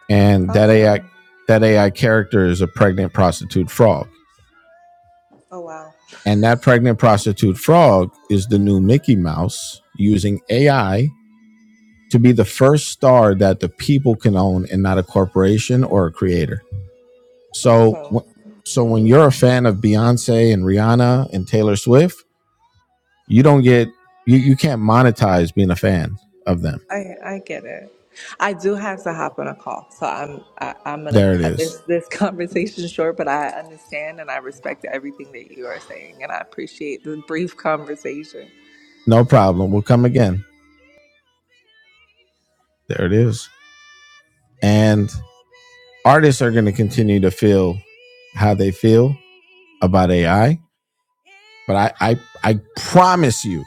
Speaker 1: And that AI
Speaker 10: Awesome.
Speaker 1: that AI character is a pregnant prostitute frog.
Speaker 10: Oh wow.
Speaker 1: And that pregnant prostitute frog is the new Mickey Mouse using AI to be the first star that the people can own and not a corporation or a creator. So,
Speaker 10: Awesome.
Speaker 1: so when you're a fan of Beyonce and Rihanna and Taylor Swift, you don't get you you can't monetize being a fan of them.
Speaker 10: I I get it. I do have to hop on a call, so I'm I, I'm gonna
Speaker 1: There it
Speaker 10: cut
Speaker 1: is.
Speaker 10: this this conversation short. But I understand and I respect everything that you are saying, and I appreciate the brief conversation.
Speaker 1: No problem. We'll come again. There it is. And artists are going to continue to feel how they feel about AI, but I I I promise you,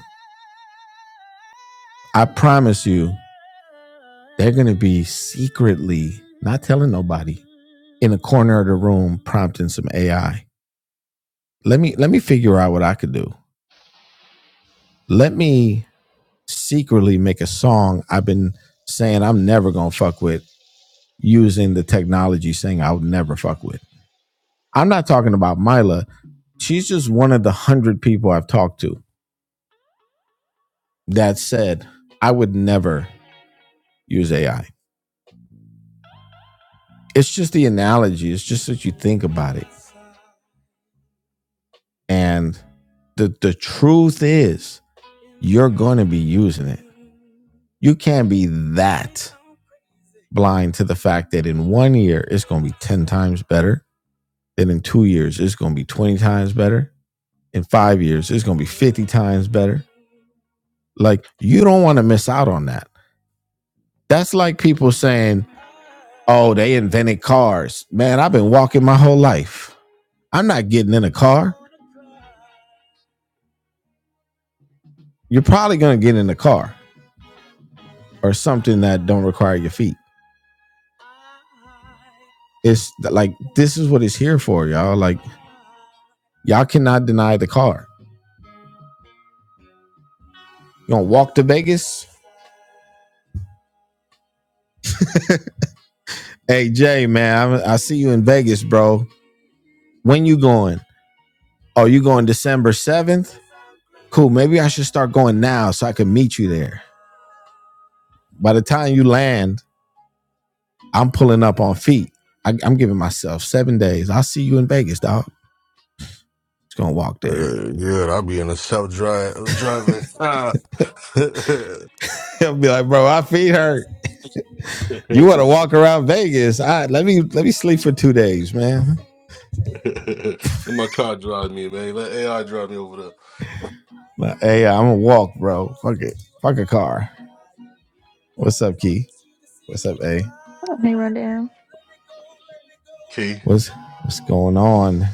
Speaker 1: I promise you, they're going to be secretly not telling nobody in a corner of the room prompting some AI. Let me let me figure out what I could do let me secretly make a song I've been saying I'm never gonna fuck with using the technology saying I would never fuck with. I'm not talking about Mila. She's just one of the hundred people I've talked to that said I would never use AI. It's just the analogy, it's just that you think about it. And the the truth is you're gonna be using it. You can't be that blind to the fact that in one year it's gonna be 10 times better then in two years it's going to be 20 times better in five years it's going to be 50 times better like you don't want to miss out on that that's like people saying oh they invented cars man i've been walking my whole life i'm not getting in a car you're probably going to get in a car or something that don't require your feet it's like this is what it's here for y'all like y'all cannot deny the car you gonna walk to vegas hey jay man I, I see you in vegas bro when you going Oh, you going December 7th? Cool. Maybe I should start going now so I can meet you there. By the time you land, I'm pulling up on feet. I, I'm giving myself seven days. I'll see you in Vegas, dog. Just gonna walk there.
Speaker 7: Uh, good. I'll be in the south drive driving. Ah. Let
Speaker 1: He'll be like, bro, my feet hurt. You want to walk around Vegas? All right, let me let me sleep for two days, man.
Speaker 7: my car drive me, man. Let AI drive me over the
Speaker 1: But hey, I'm gonna walk, bro. Fuck it. Fuck a car. What's up, Key? What's up, A?
Speaker 11: Hey, Rundown.
Speaker 7: key.
Speaker 1: What's what's going on?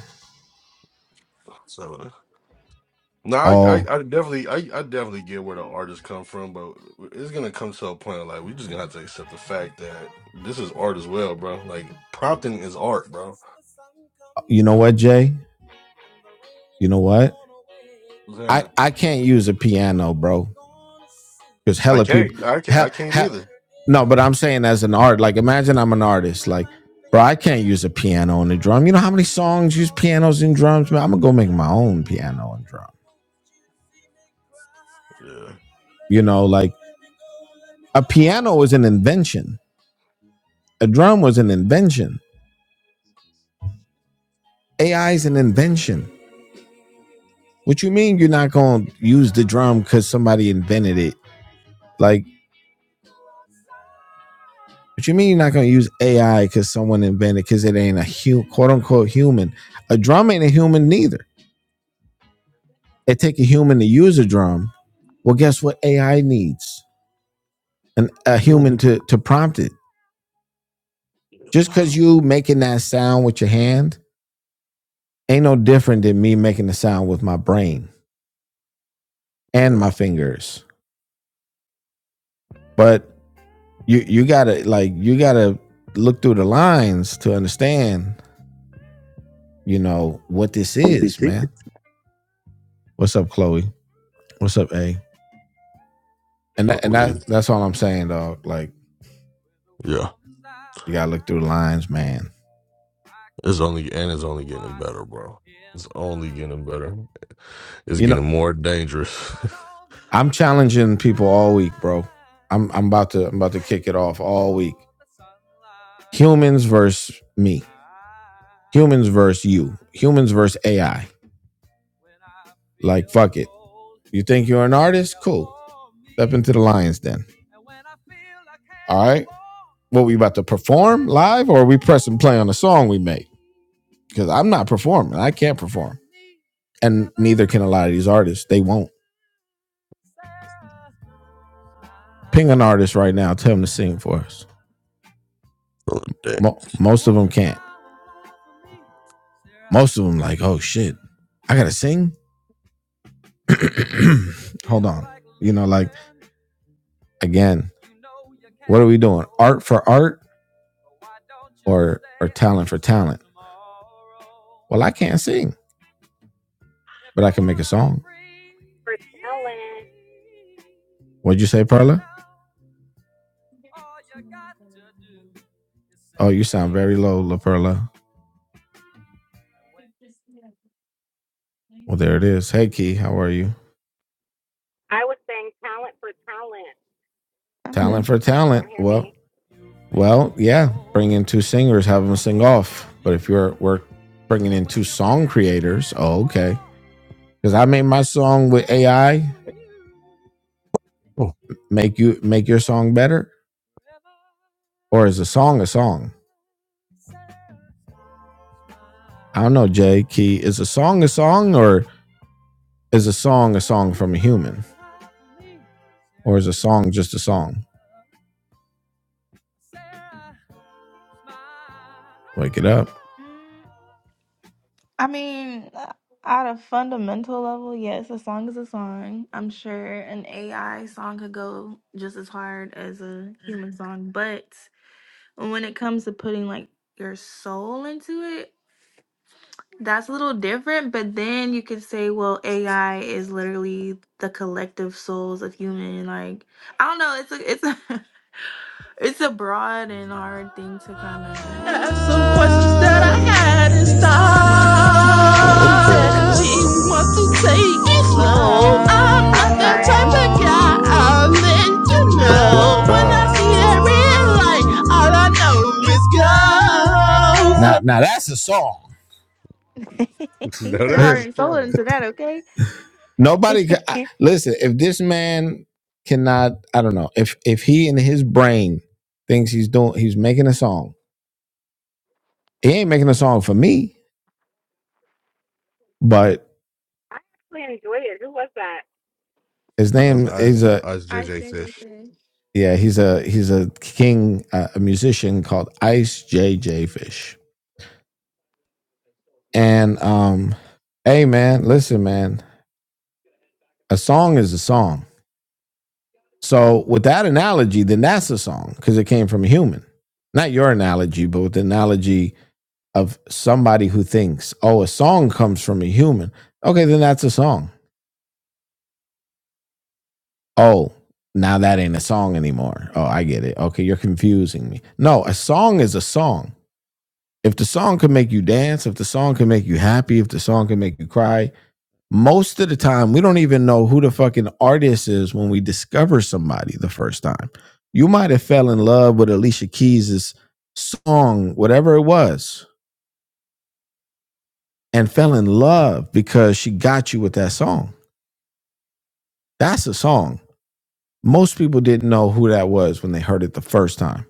Speaker 7: So no, I, I,
Speaker 1: Oh,
Speaker 7: I definitely, I, I definitely get where the artists come from, but it's gonna come to a point like we just gonna have to accept the fact that this is art as well, bro. Like prompting is art, bro.
Speaker 1: you know what, Jay? You know what? I
Speaker 7: Yeah.
Speaker 1: I can't use a piano, bro. because
Speaker 7: I
Speaker 1: hella people
Speaker 7: can't, I can't,
Speaker 1: ha,
Speaker 7: I can't
Speaker 1: ha,
Speaker 7: either.
Speaker 1: no but i'm saying as an art like imagine i'm an artist like bro i can't use a piano and a drum you know how many songs use pianos and drums man i'm gonna go make my own piano and drum you know like a piano is an invention a drum was an invention ai is an invention what you mean you're not gonna use the drum because somebody invented it like what you mean you're not gonna use ai because someone invented because it ain't a hu- quote unquote human a drum ain't a human neither It take a human to use a drum. Well, guess what AI needs? An, a
Speaker 7: Yeah.
Speaker 1: human to, to prompt it. Just because you making that sound with your hand ain't no different than me making the sound with my brain and
Speaker 7: Yeah.
Speaker 1: my fingers. But you you gotta like you gotta look through the lines to understand, you know, what this
Speaker 7: What
Speaker 1: is,
Speaker 7: this
Speaker 1: man. What's up, Chloe? What's up, A? And that, and
Speaker 7: is?
Speaker 1: that that's all I'm saying, dog. Like
Speaker 7: Yeah,
Speaker 1: gotta look through the lines, man.
Speaker 7: it's only and it's only getting better, bro. It's only getting better. It's
Speaker 1: You know,
Speaker 7: getting more dangerous.
Speaker 1: I'm challenging people always, I'm I'm about to I'm about kick it off all week. Humans versus me. Humans versus you. Humans versus AI. Like fuck it. You think you're an artist? Cool. Step into the lions then. All right. What we about to perform live, or are we press and play on a song we made? Because I'm not performing. I can't perform, and neither can a lot of these artists. They won't ping an artist right now. Tell them to sing for us. Mo- most of them can't. Most of them like, oh shit, I gotta sing. Hold on. You know, like again, What are we doing? Art for art, talent for talent. Well, I can't sing.
Speaker 4: for talent
Speaker 1: What'd you say, Perla? Oh, you sound very low, La Perla. Well, there it is. Hey, Key, how are you?
Speaker 4: I was saying talent for talent.
Speaker 11: I'm
Speaker 1: Talent
Speaker 11: good.
Speaker 1: for
Speaker 4: You can't
Speaker 1: talent.
Speaker 4: hear
Speaker 1: Well,
Speaker 4: me.
Speaker 1: well, yeah. Bring in two singers, have them sing off. But if you're we're bringing in two song creators, oh, okay. Because I made my song with AI. Make you make your song better, or is a song a song? I don't know, Jay Key. Is a song a song, or is a song a song from a human, or is a song just a song? Wake it up.
Speaker 11: Mm, I mean, uh, at a fundamental level, yes, a song is a song. I'm sure an AI song could go just as hard as a human song, but when it comes to putting like your soul into it, that's a little different. But then you could say, well, AI is literally the collective souls of human. Like, I don't know. It's a, it's a, it's a broad and hard thing to kind of. What?
Speaker 7: Yeah,
Speaker 11: I'm sorry.
Speaker 1: Now that's a song.
Speaker 11: he
Speaker 7: no,
Speaker 11: put his heart
Speaker 7: that's
Speaker 11: and soul
Speaker 7: wrong.
Speaker 11: into that, okay?
Speaker 1: Nobody could I, listen. If this man cannot, I don't know. If if he in his brain thinks he's doing, he's making a song. He ain't making a song for me. But
Speaker 4: I actually enjoyed it. Who was that?
Speaker 1: his
Speaker 7: That's
Speaker 1: name is
Speaker 7: Ice
Speaker 1: a
Speaker 7: Ice
Speaker 11: Ice
Speaker 7: JJ
Speaker 11: JJ
Speaker 7: Fish.
Speaker 11: said.
Speaker 1: yeah. He's a he's a king, uh, a musician called Ice JJ Fish. And um, hey man,
Speaker 7: Did
Speaker 1: listen man, a song is a song. So with that analogy, then that's a song because it came from a human, not your analogy, but with the analogy of somebody who thinks, oh, a song comes from a human. Okay, then that's a song. Oh, now that ain't a song anymore. Oh, I get it. Okay, you're confusing me. No, a song is a song. If the song can make you dance, if the song can make you happy, if the song can make you cry, Most of the time, we don't even know who the fucking artist is when we discover somebody the first time. You might have fell in love with Alicia Keys' song, whatever it was, and fell in love because she got you with that song. That's a song. Most people didn't know who that was when they heard it the first time.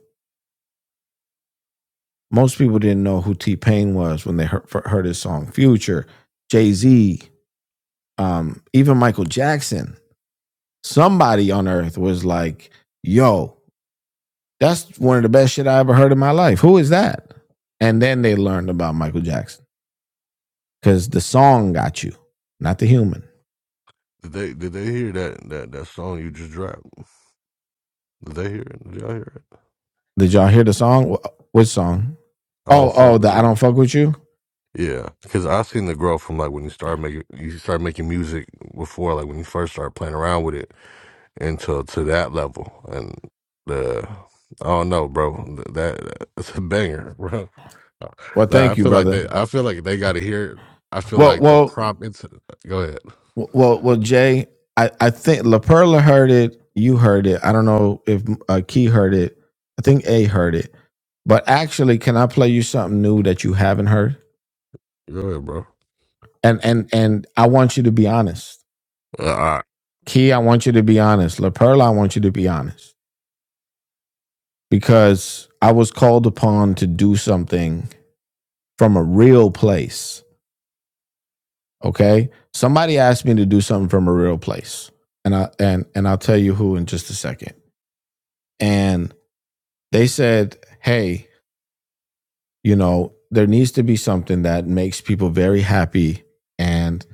Speaker 1: Most people didn't know who T Pain was when they heard, heard his song Future, Jay Z, um, even Michael Jackson. Somebody on earth was like, yo, That's one of the best shit I ever heard in my life. Who is that? And then they learned about Michael Jackson because the song got you, not the human.
Speaker 7: they did they hear that that that song you just dropped? Did they hear it? Did y'all hear it?
Speaker 1: Did y'all hear the song? Wh- Which song?
Speaker 7: I don't
Speaker 1: Oh, oh,
Speaker 7: fuck with
Speaker 1: the I
Speaker 7: you.
Speaker 1: don't fuck with you.
Speaker 7: Yeah, because I seen the growth from like when you start making you start making music before like when you first start playing around with it until to that level and the I don't know, bro. Th- That it's a banger, bro.
Speaker 1: Well,
Speaker 7: Nah, I
Speaker 1: thank you,
Speaker 7: feel like
Speaker 1: brother.
Speaker 7: they I feel like they got to hear. it. I feel
Speaker 1: Well,
Speaker 7: like the
Speaker 1: well,
Speaker 7: prompt. It's go ahead,
Speaker 1: well, well, Jay. I I think La Perla heard it. You heard it. I don't know if uh, Key heard it. I think A heard it. But actually, can I play you something new that you haven't heard?
Speaker 7: go ahead, bro.
Speaker 1: And and and I want you to be honest.
Speaker 7: Uh, all right.
Speaker 1: Key, I want you to be honest. La Perla, I want you to be honest because I was called upon to do something from a real place. Okay, somebody asked me to do something from a real place, and I and and I'll tell you who in just a second. And they said, "Hey, you know, there needs to be something that makes people very happy and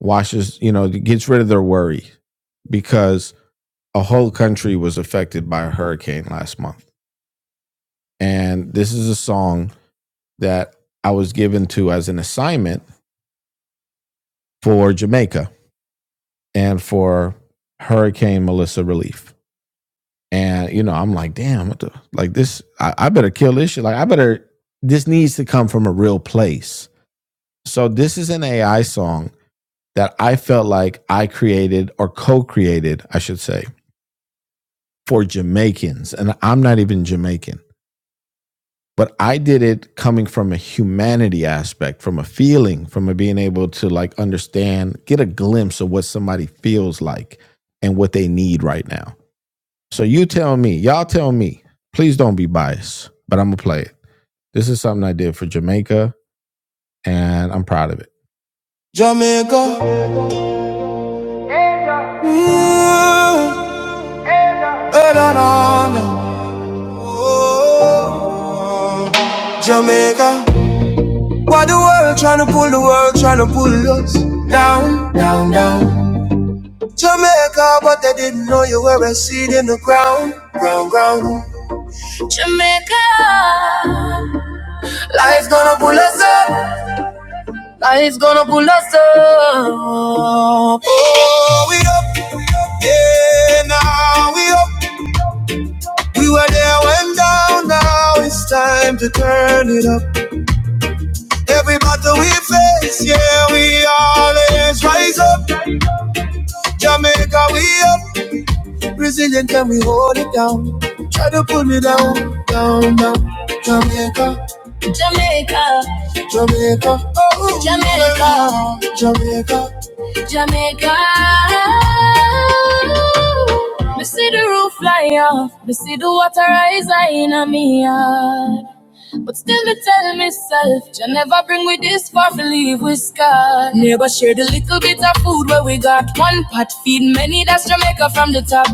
Speaker 1: washes, you know, gets rid of their worry because a whole country was affected by a hurricane last month." And this is a song that I was given to as an assignment for Jamaica and for Hurricane Melissa relief. And you know, I'm like, damn, what the, like this, I, I better kill this shit. Like, I better. This needs to come from a real place. So this is an AI song that I felt like I created or co-created, I should say, for Jamaicans, and I'm not even Jamaican. but I did it coming from a humanity aspect, from a feeling, from a being able to like understand, get a glimpse of what somebody feels like and what they need right now. So you tell me, y'all tell me, please don't be biased, but I'm gonna play it. This is something I did for Jamaica and I'm proud of it. Jamaica. mm, eh, Oh, Jamaica. Why the world tryna pull the world tryna pull us down, down, down? Jamaica, but they didn't know you were a seed in the ground, ground, ground. Life's gonna pull us up. Oh, we up, we up, yeah, now we up. We were there when down, now it's time to turn it up. Every battle we face, yeah, we always rise up. Jamaica, we up. like Brazilian, can we hold it down? Try to pull me down, down, down. Jamaica, Jamaica, Jamaica, oh, Jamaica, yeah. Jamaica, Jamaica. Me see the roof fly off, me see the water rise high in a me but still I tell myself, you never bring me this far, believe we scarred. Neighbor share the little bit of food where we got. One pot feed many, that's Jamaica from the top.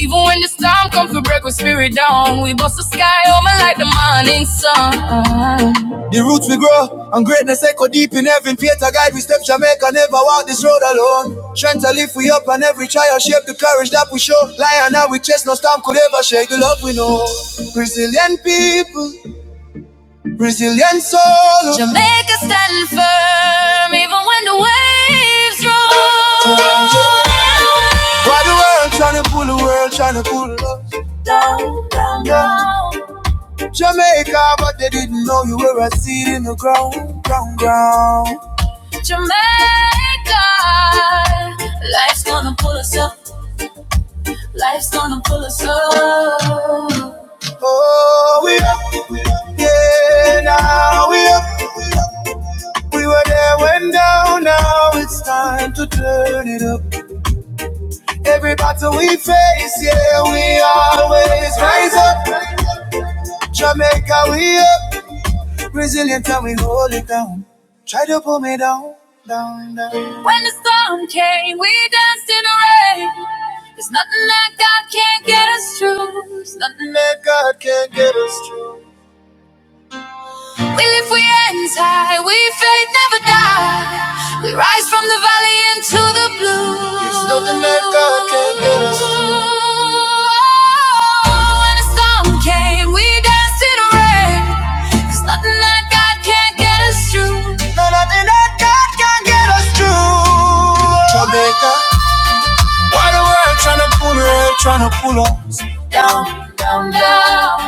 Speaker 1: Even when the storm come for break, we spirit down. We bust the sky over like the morning sun. The roots we grow and greatness echo deep in heaven. Peter guide we step Jamaica, never walk this road alone. Strength to lift we up and every trial shape the courage that we show. Lion now we chase, no storm could ever shake the love we know. Brazilian people, Brazilian soul, Jamaica standing firm, even when the waves roll. Why the world tryna pull the world tryna pull us down, down, down. Jamaica, but they didn't know you were a seed in the ground, ground, ground. Jamaica, life's gonna pull us up. Life's gonna pull us up. Oh, we up, yeah, now we up, we up. We were there when down, now it's time to turn it up. Every battle we face, yeah, we always rise up. Jamaica, we up, resilient and we hold it down. Try to pull me down, down, down. When the storm came, we danced in the rain. There's nothing that God can't get us through. There's nothing that God can't get us through. We live, we ends high, we faith never die. We rise from the valley into the blue. There's nothing that God can't get us. Oh, When the storm came, we danced in the rain. There's nothing that God can't get us through. No, nothing that God can't get us through. Jamaica, why the world tryna pull her, tryna pull us down, down, down.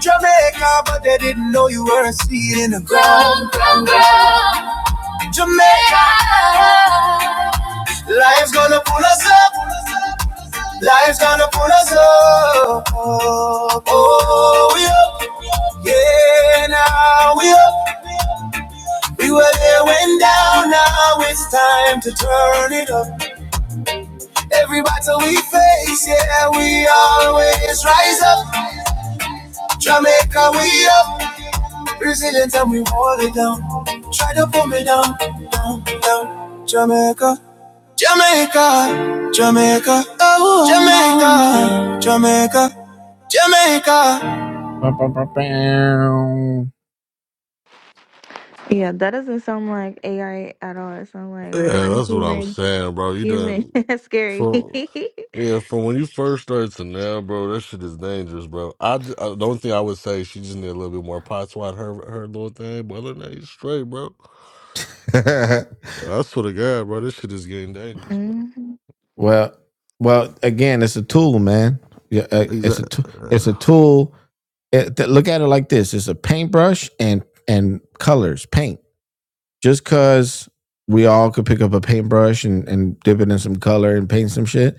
Speaker 1: Jamaica, but they didn't know you were a seed in the ground. ground, ground. Jamaica, life's gonna pull us up. Life's gonna pull us up. Oh, we up, yeah, now we up. We were there when down, now it's time to turn it up. Every battle we face, yeah, we always rise up. Jamaica, we up. Brazilian time we hold it down. Try to pull me down, down, down. Jamaica, Jamaica, Jamaica, oh, Jamaica, Jamaica, Jamaica.
Speaker 11: yeah, that doesn't sound like AI at all. It sounds like
Speaker 7: Yeah,
Speaker 11: real
Speaker 7: that's what I'm
Speaker 11: human.
Speaker 7: saying, bro. You
Speaker 11: Human.
Speaker 7: done
Speaker 11: That's scary.
Speaker 7: full. Yeah, from when you first started to now, bro, that shit is dangerous, bro. I, d- uh the only thing I would say she just need a little bit more pot swat her her little thing, but other than that, you straight, bro. I swear to God, bro, this shit is getting dangerous, bro.
Speaker 11: hmm
Speaker 1: well, well, again, it's a tool, man. Yeah, uh, it's a
Speaker 7: Exactly.
Speaker 1: tool. It's a
Speaker 7: Yeah.
Speaker 1: tool. It, look at it like this: it's a paintbrush and and colors, paint. just cause we all could pick up a paintbrush and, and dip it in some color and paint some shit,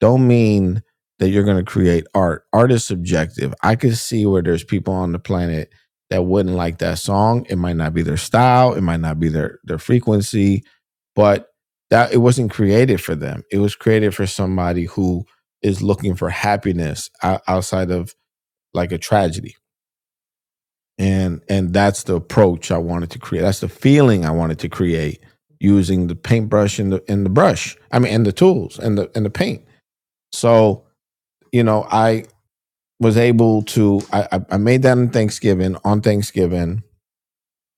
Speaker 1: don't mean that you're gonna create art. Art is subjective. I could see where there's people on the planet that wouldn't like that song. It might not be their style, it might not be their their frequency, but that it wasn't created for them. It was created for somebody who is looking for happiness outside of like a tragedy and and that's the approach I wanted to create. That's the feeling I wanted to create using the paintbrush and the and the brush. I mean, and the tools and the and the paint. So you know, I was able to. I I made that on Thanksgiving. On Thanksgiving,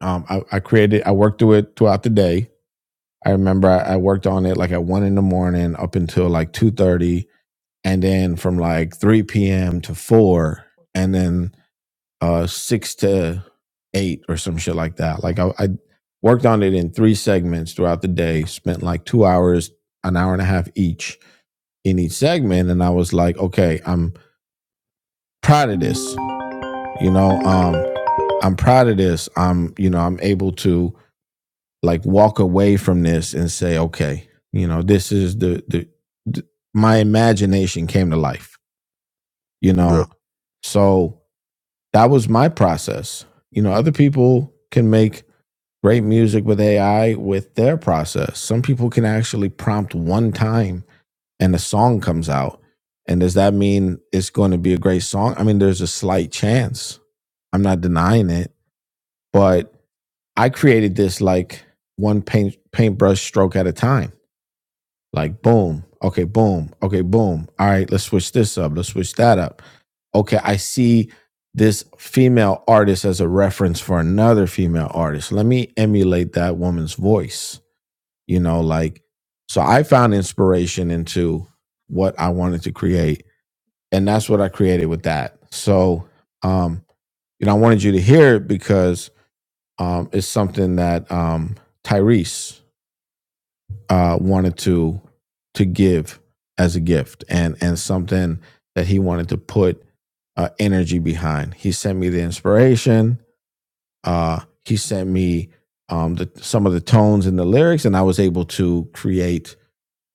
Speaker 1: um, I, I created. I worked through it throughout the day. I remember I, I worked on it like at one in the morning up until like two thirty, and then from like three p.m. to four, and then uh six to eight or some shit like that. Like I, I worked on it in three segments throughout the day, spent like two hours, an hour and a half each in each segment, and I was like, okay, I'm proud of this. You know, um, I'm proud of this. I'm, you know, I'm able to like walk away from this and say, okay, you know, this is the the, the my imagination came to life. You know, so that was my process. You know, other people can make great music with AI with their process. Some people can actually prompt one time and a song comes out. And does that mean it's going to be a great song? I mean, there's a slight chance. I'm not denying it, but I created this like one paint paintbrush stroke at a time. Like boom, okay, boom, okay, boom. All right, let's switch this up. Let's switch that up. Okay, I see this female artist as a reference for another female artist. Let me emulate that woman's voice you know like so i found inspiration into what i wanted to create and that's what i created with that so um you know i wanted you to hear it because um it's something that um tyrese uh wanted to to give as a gift and and something that he wanted to put uh, energy behind he sent me the inspiration uh he sent me um the some of the tones and the lyrics and i was able to create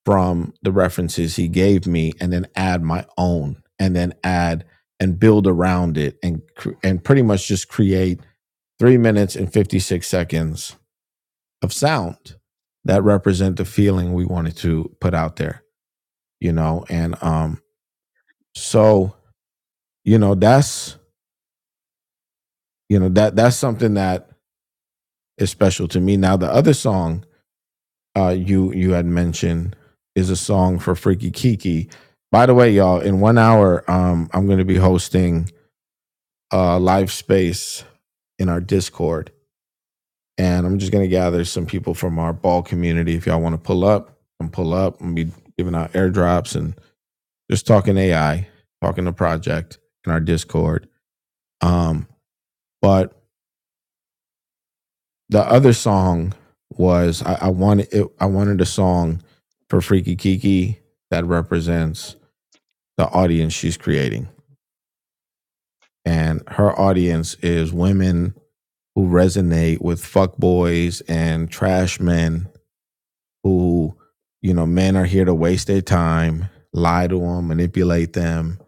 Speaker 1: from the references he gave me and then add my own and then add and build around it and and pretty much just create 3 minutes and 56 seconds of sound that represent the feeling we wanted to put out there you know and um so you know that's you know that that's something that is special to me now the other song uh you you had mentioned is a song for freaky kiki by the way y'all in 1 hour um i'm going to be hosting uh, live space in our Discord. And I'm just going to gather some people from our ball community. If y'all want to pull up and pull up and be giving out airdrops and just talking AI, talking the project in our Discord. Um, but the other song was I, I wanted it, I wanted a song for Freaky Kiki that represents the audience she's creating. And her audience is women who resonate with fuckboys and trash men who, you know, men are here to waste their time, lie to them, manipulate them.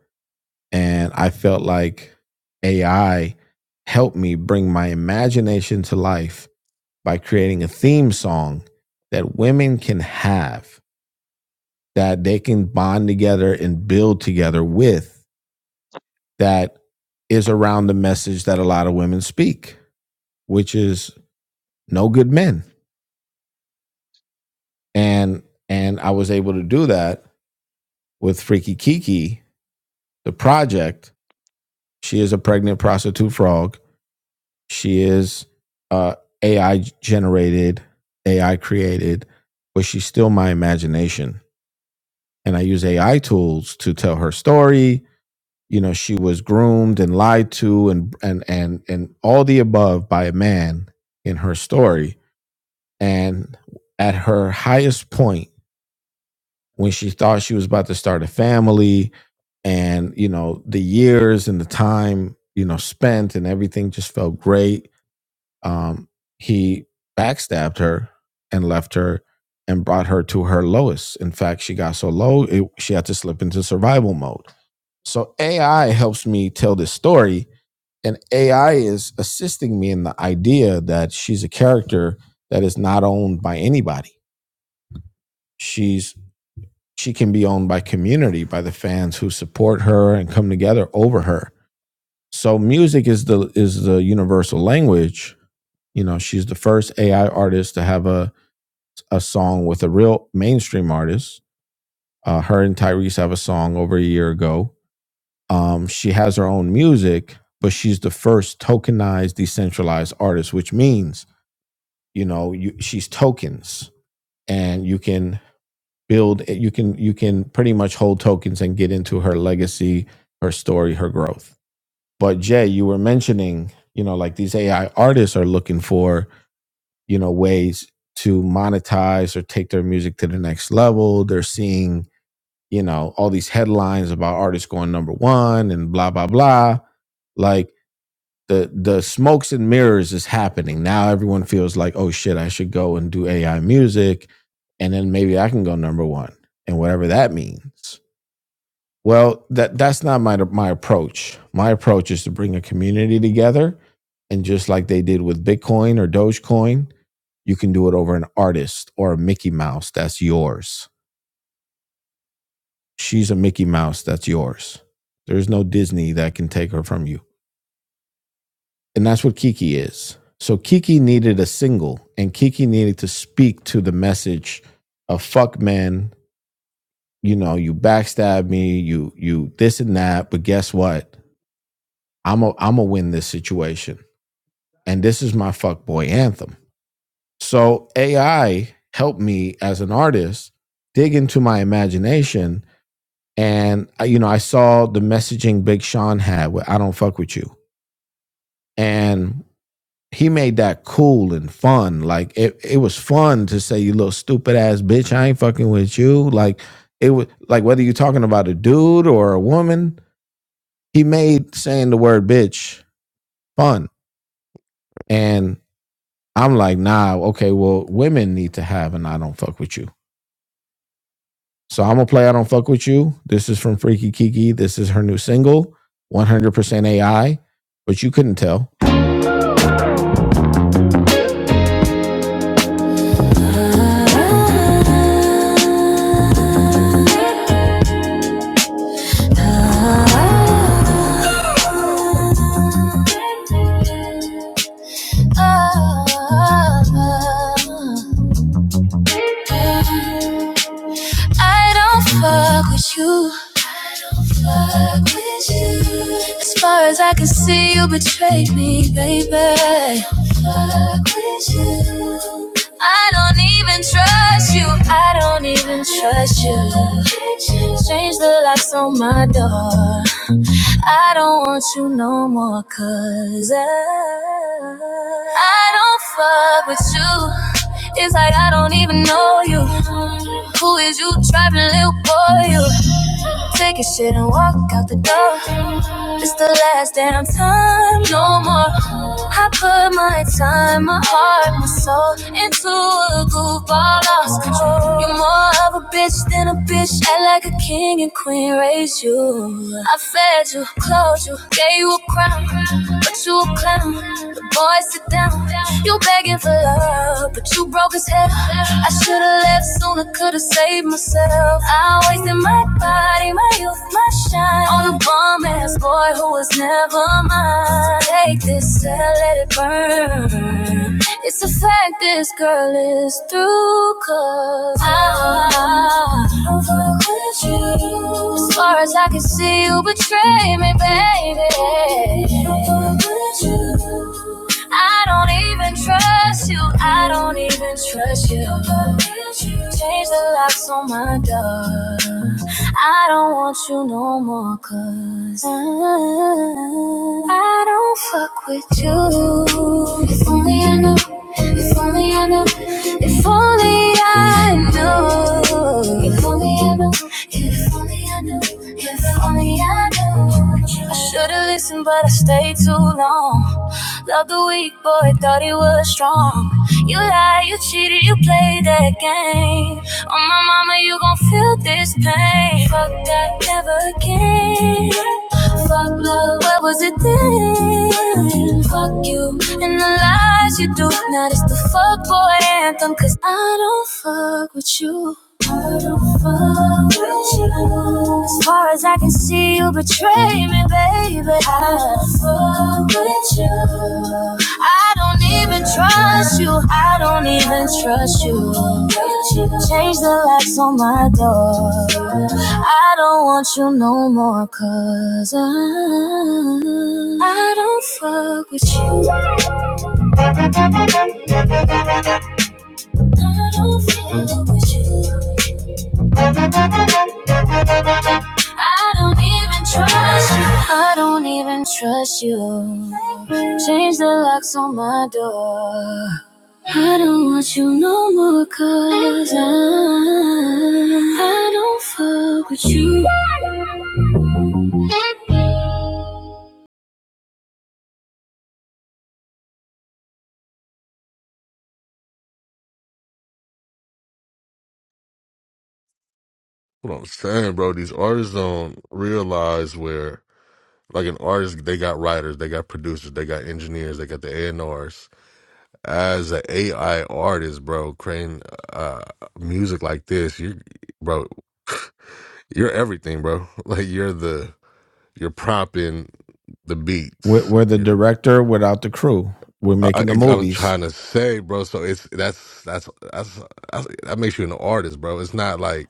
Speaker 1: And I felt like AI helped me bring my imagination to life by creating a theme song that women can have that they can bond together and build together with that is around the message that a lot of women speak, which is no good men. And and I was able to do that with Freaky Kiki, the project, She is a pregnant prostitute frog. She is uh, AI generated, AI created, but she's still my imagination. And I use AI tools to tell her story. You know, she was groomed and lied to and and and and all the above by a man in her story. And at her highest point, when she thought she was about to start a family, and you know, the years and the time, you know, spent and everything just felt great um, he backstabbed her and left her and brought her to her lowest. In fact, she got so low, it, she had to slip into survival mode. So AI helps me tell this story, and AI is assisting me in the idea that she's a character that is not owned by anybody. She's she can be owned by community, by the fans who support her and come together over her. So music is the is the universal language. You know, she's the first AI artist to have a a song with a real mainstream artist. Uh, her and Tyrese have a song over a year ago. Um, she has her own music, but she's the first tokenized decentralized artist, which means you know you, she's tokens, and you can build you can you can pretty much hold tokens and get into her legacy, her story, her growth. But Jay, you were mentioning you know like these AI artists are looking for you know ways to monetize or take their music to the next level. They're seeing you know, all these headlines about artists going number one and blah blah blah. Like the the smokes and mirrors is happening. Now everyone feels like, oh shit, I should go and do AI music and then maybe I can go number one and whatever that means. Well, that that's not my my approach. My approach is to bring a community together and just like they did with Bitcoin or Dogecoin, you can do it over an artist or a Mickey Mouse that's yours She's a Mickey Mouse that's yours. There's no Disney that can take her from you. And that's what Kiki is. So Kiki needed a single and Kiki needed to speak to the message of fuck men, you know, you backstab me, you you this and that, but guess what? I'm a I'm a win this situation. And this is my fuck boy anthem. So AI helped me as an artist dig into my imagination and uh, you know I saw the messaging Big Sean had with "I don't fuck with you," and he made that cool and fun. Like it, it was fun to say, "You little stupid ass bitch, I ain't fucking with you." Like it was like whether you're talking about a dude or a woman, he made saying the word bitch fun. And I'm like, nah, okay, well, women need to have an "I don't fuck with you." So I'm gonna play I Don't Fuck With You. This is from Freaky Kiki. This is her new single, 100% AI, but you couldn't tell. I don't fuck with you. I don't fuck with you. As far as I can see, you betrayed me, baby. I don't fuck with you. I don't even trust you. I don't even trust you. Change the locks on my door. I don't want you no more, cause I, I don't fuck with you. It's like I don't even know you. Who is you, driving, little boy? You. Take a shit and walk out the door. It's the last damn time, no more. I put my time, my heart, my soul into a groove, I lost control. You're more of a bitch than a bitch. Act like a king and queen, raised you. I fed you, clothed you, gave you a crown, but you a clown. The boys sit down. You begging for love, but you broke his head. I should've left sooner, could've saved myself. I time, wasting my body, my youth, my shine on a bum ass boy who was never mine. Take this and let it burn. It's a fact this girl is through, cause I don't fuck with you. As far as I can see, you betray me, baby. I Don't fuck with you. I don't even trust you. I don't even trust you. Change the locks on my door. I don't want you no more, 'cause I, I don't fuck with you. If only I knew, if only I knew, if only I knew, if only I knew, if only I knew, if only I knew. I should've listened, but I stayed too long. Love the weak boy, thought he was strong. You lied, you cheated, you played that game. Oh my mama, you gon' feel this pain. Fuck that, never again. Fuck love, where was it then? Fuck you and the lies you do. Now it's the fuck boy anthem, cause I don't fuck with you. As far as I can see, you betray me, baby. I fuck with you. I don't even trust you. I don't even trust you. Change the locks on my door. I don't want you no more, 'cause I, I don't fuck with you. I don't fuck with you. I don't even trust you. I don't even trust you. Change the locks on my door. I don't want you no more, 'cause I, I don't fuck with you.
Speaker 7: What I'm saying, bro, these artists don't realize where, like, an artist, they got writers, they got producers, they got engineers, they got the A&Rs. As an AI artist, bro, creating uh, music like this, you, bro. You're everything, bro. Like you're the you're propping the
Speaker 1: We're,
Speaker 7: beats.
Speaker 1: we're the
Speaker 7: You're,
Speaker 1: director without the crew. We're
Speaker 7: I,
Speaker 1: making the
Speaker 7: I was
Speaker 1: movies.
Speaker 7: trying to say, bro. So it's that's that's that's, that's that makes you an artist, bro. It's not like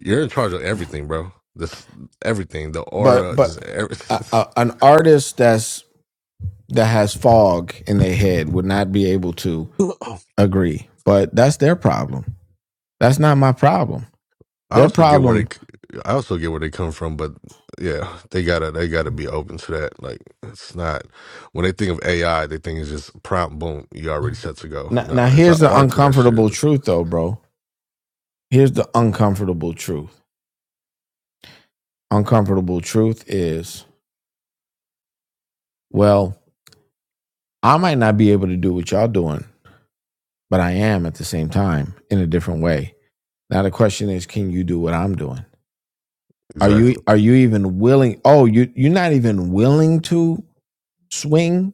Speaker 7: you're in charge of everything, bro. This everything, the
Speaker 1: But,
Speaker 7: aura,
Speaker 1: but
Speaker 7: just every,
Speaker 1: a, a, an artist that's that has fog in their head would not be able to. agree, but that's their problem. That's not my problem.
Speaker 7: I
Speaker 1: Their
Speaker 7: also get where they
Speaker 1: problem.
Speaker 7: I also get where they come from, but yeah, they gotta they gotta be open to that. Like it's not when they think of AI, they think it's just prompt, boom, you already set to go.
Speaker 1: Now,
Speaker 7: No,
Speaker 1: now
Speaker 7: it's an
Speaker 1: here's the
Speaker 7: art to that shit.
Speaker 1: uncomfortable truth, though, bro. Here's the uncomfortable truth. Uncomfortable truth is, well, I might not be able to do what y'all doing, but I am at the same time in a different way. Now the question is, can you do what I'm doing? Are you
Speaker 7: Exactly.
Speaker 1: are you even willing? Oh, you you're not even willing to swing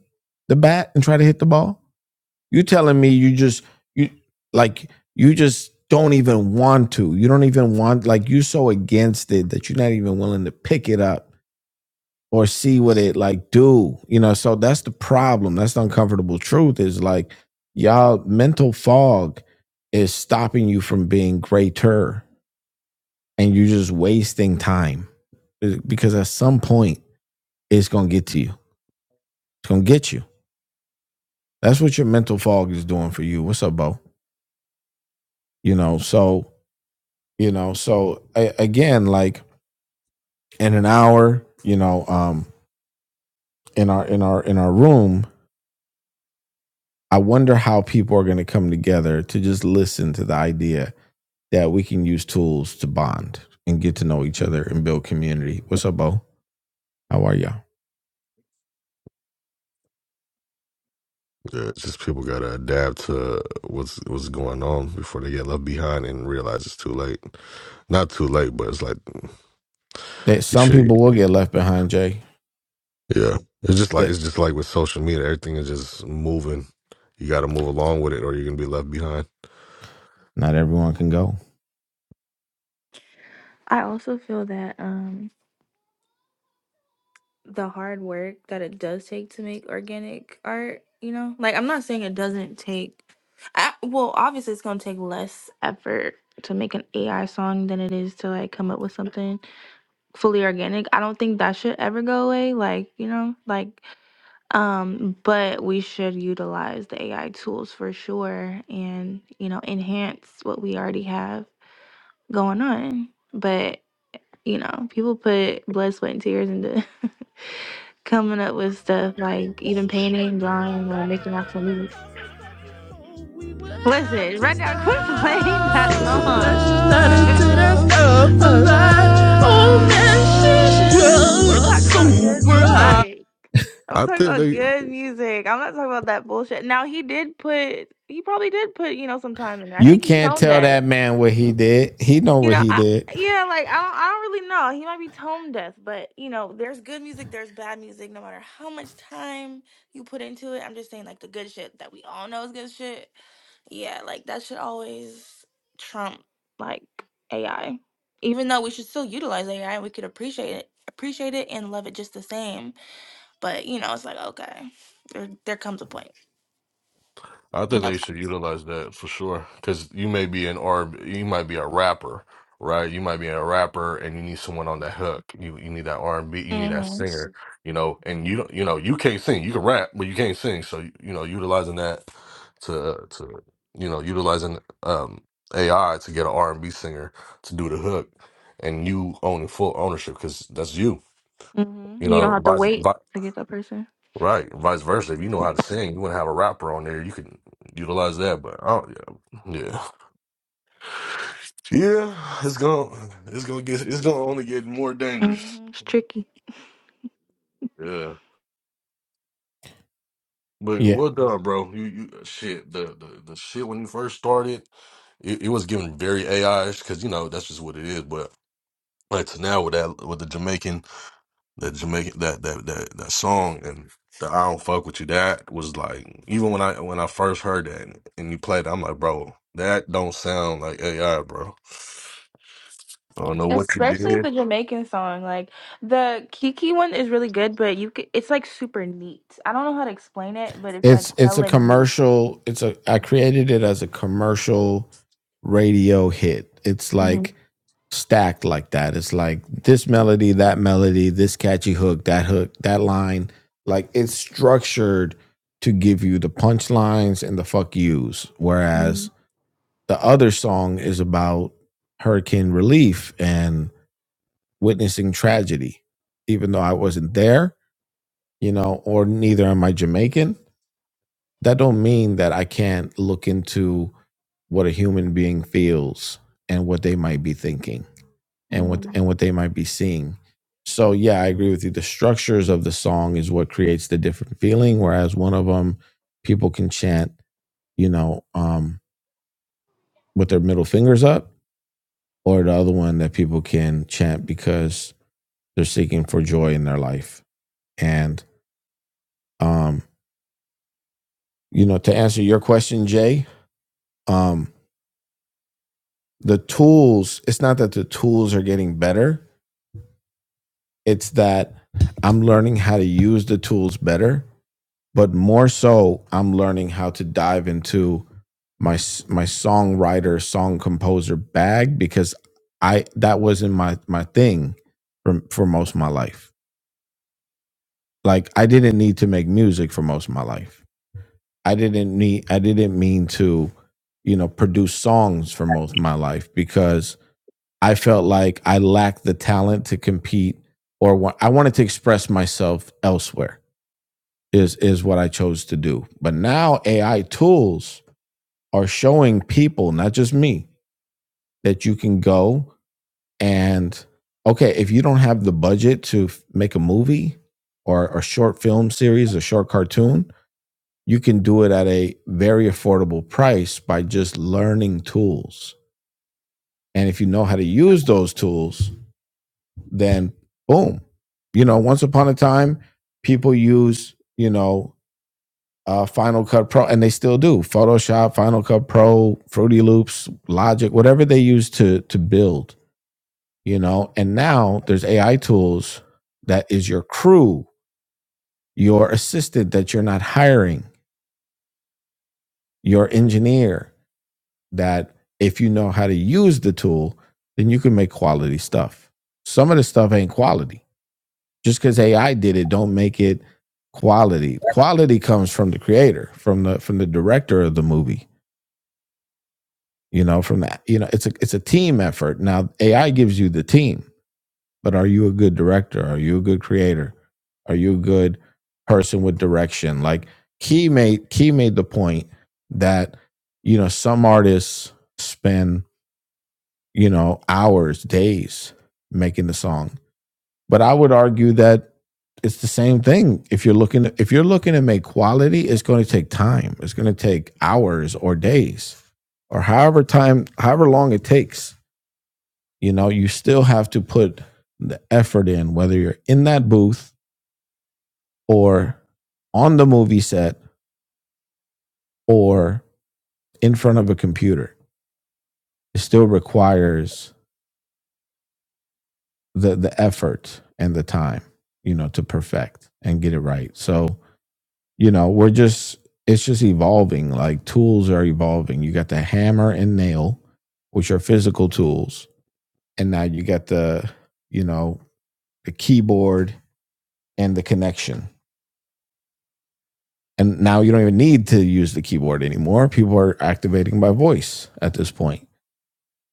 Speaker 1: the bat and try to hit the ball? You telling me you just you like you just don't even want to. You don't even want like you so against it that you're not even willing to pick it up or see what it like do. You know, so that's the problem. That's the uncomfortable truth is like y'all mental fog is stopping you from being greater and you're just wasting time because at some point it's going to get to you. It's going to get you. That's what your mental fog is doing for you. What's up, Bo? You know, so you know so a- again like in an hour you know um in our in our in our room i wonder how people are going to come together to just listen to the idea that we can use tools to bond and get to know each other and build community what's up bo how are y'all
Speaker 7: Yeah, it's just people gotta adapt to what's what's going on before they get left behind and realize it's too late. Not too late, but it's like
Speaker 1: that
Speaker 7: you
Speaker 1: some
Speaker 7: should.
Speaker 1: people will get left behind jay
Speaker 7: Yeah, it's just like it's
Speaker 1: that
Speaker 7: just like with social media, everything is just moving. You got to move along with it, or you're gonna be left behind.
Speaker 1: not everyone can go
Speaker 11: I also feel that um the hard work that it does take to make organic art, you know? Like I'm not saying it doesn't take I, well, obviously it's gonna take less effort to make an AI song than it is to like come up with something. fully organic. I don't think that should ever go away. Like, you know, like, um, but we should utilize the AI tools for sure and, you know, enhance what we already have going on. But, you know, people put blood, sweat, and tears into coming up with stuff like even painting, drawing, or making actual music.
Speaker 1: we would have
Speaker 11: Listen,
Speaker 1: to
Speaker 11: run down, quit playing
Speaker 1: stop.
Speaker 11: that song.
Speaker 1: Oh,
Speaker 11: We're talking about good music. I'm
Speaker 7: I
Speaker 11: talking
Speaker 7: think
Speaker 11: about
Speaker 7: they
Speaker 11: good music. I'm not talking about that bullshit. Now he did put, he probably did put, you know, some time in there. I
Speaker 1: You
Speaker 11: think he's
Speaker 1: can't
Speaker 11: tone
Speaker 1: tell
Speaker 11: deaf.
Speaker 1: that man what he did. He know
Speaker 11: You
Speaker 1: what
Speaker 11: know,
Speaker 1: he
Speaker 11: I,
Speaker 1: did.
Speaker 11: yeah, like I don't, I don't really know. He might be tone deaf, but you know, there's good music, there's bad music. No matter how much time you put into it, I'm just saying, like the good shit that we all know is good shit. Yeah, like that should always trump like AI. Even though we should still utilize AI, we could appreciate it, appreciate it, and love it just the same but you know, it's like okay, there there comes a point.
Speaker 7: I think
Speaker 11: Yep.
Speaker 7: they should utilize that for sure. Because you may be an R, you might be a rapper, right? You might be a rapper, and you need someone on that hook. You you need that R and B. You need that
Speaker 11: hmm
Speaker 7: singer. You know, and you don't, you know, you can't sing. You can rap, but you can't sing. So you know, utilizing that to to you know, utilizing um AI to get an R and B singer to do the hook, and you owning full ownership because that's you.
Speaker 11: hmm
Speaker 7: You
Speaker 11: You don't
Speaker 7: know,
Speaker 11: have to wait
Speaker 7: vice,
Speaker 11: to get that person.
Speaker 7: Right, vice versa. If you know how to sing, you want to have a rapper on there. You can utilize that, but I don't, yeah, yeah, yeah. It's gonna, it's gonna get, it's gonna only get more dangerous.
Speaker 11: hmm It's tricky.
Speaker 7: Yeah, but
Speaker 1: Yeah.
Speaker 7: well done, bro. You, you shit. The, the, the shit when you first started, it, it was given very AI-ish because you know that's just what it is. But like to now with that, with the Jamaican. That Jamaican that that that that song and the I don't fuck with you. That was like even when I when I first heard that and you played, it, I'm like, bro, that don't sound like AI, bro. I don't know what you
Speaker 11: Especially
Speaker 7: did.
Speaker 11: the Jamaican song, like the Kiki one is really good, but you c it's like super neat. I don't know how to explain it, but it's like
Speaker 1: It's it's a
Speaker 11: hella neat.
Speaker 1: commercial. It's a I created it as a commercial radio hit. It's
Speaker 11: Mm-hmm.
Speaker 1: like stacked like that. It's like this melody, that melody, this catchy hook, that hook, that line. Like it's structured to give you the punchlines and the fuck yous. Whereas the other song is about hurricane relief and witnessing tragedy. Even though I wasn't there, you know, or neither am I Jamaican, that don't mean that I can't look into what a human being feels and what they might be thinking and what
Speaker 11: Mm-hmm.
Speaker 1: and what they might be seeing. So yeah, I agree with you. The structures of the song is what creates the different feeling. Whereas one of them, people can chant, you know, um, with their middle fingers up, or the other one that people can chant because they're seeking for joy in their life. And um, you know, to answer your question, Jay, um, the tools. It's not that the tools are getting better. It's that I'm learning how to use the tools better but more so i'm learning how to dive into my my songwriter song composer bag because i that wasn't my my thing for for most of my life like i didn't need to make music for most of my life i didn't need i didn't mean to you know produce songs for most of my life because i felt like i lacked the talent to compete or wa- i wanted to express myself elsewhere is is what i chose to do but now ai tools are showing people, not just me, that you can go and okay, if you don't have the budget to f- make a movie or a short film series, a short cartoon, you can do it at a very affordable price by just learning tools. And if you know how to use those tools, then boom. You know, once upon a time, people use, you know, uh, Final Cut Pro, and they still do Photoshop, Final Cut Pro, Fruity Loops, Logic, whatever they use to to build, you know. And now there's AI tools that is your crew, your assistant that you're not hiring, your engineer. That if you know how to use the tool, then you can make quality stuff. Some of the stuff ain't quality. Just because AI did it, don't make it quality. Quality comes from the creator, from the from the director of the movie you know from that you know it's a it's a team effort now ai gives you the team but are you a good director are you a good creator are you a good person with direction like key made key made the point that you know some artists spend you know hours days making the song but I would argue that it's the same thing. If you're looking if you're looking to make quality, it's going to take time. It's going to take hours or days or however time however long it takes. You know, you still have to put the effort in whether you're in that booth or on the movie set or in front of a computer. It still requires the the effort and the time, you know, to perfect and get it right. So you know, we're just it's just evolving. Like tools are evolving. You got the hammer and nail, which are physical tools, and now you got the you know the keyboard and the connection. And now you don't even need to use the keyboard anymore. People are activating by voice at this point.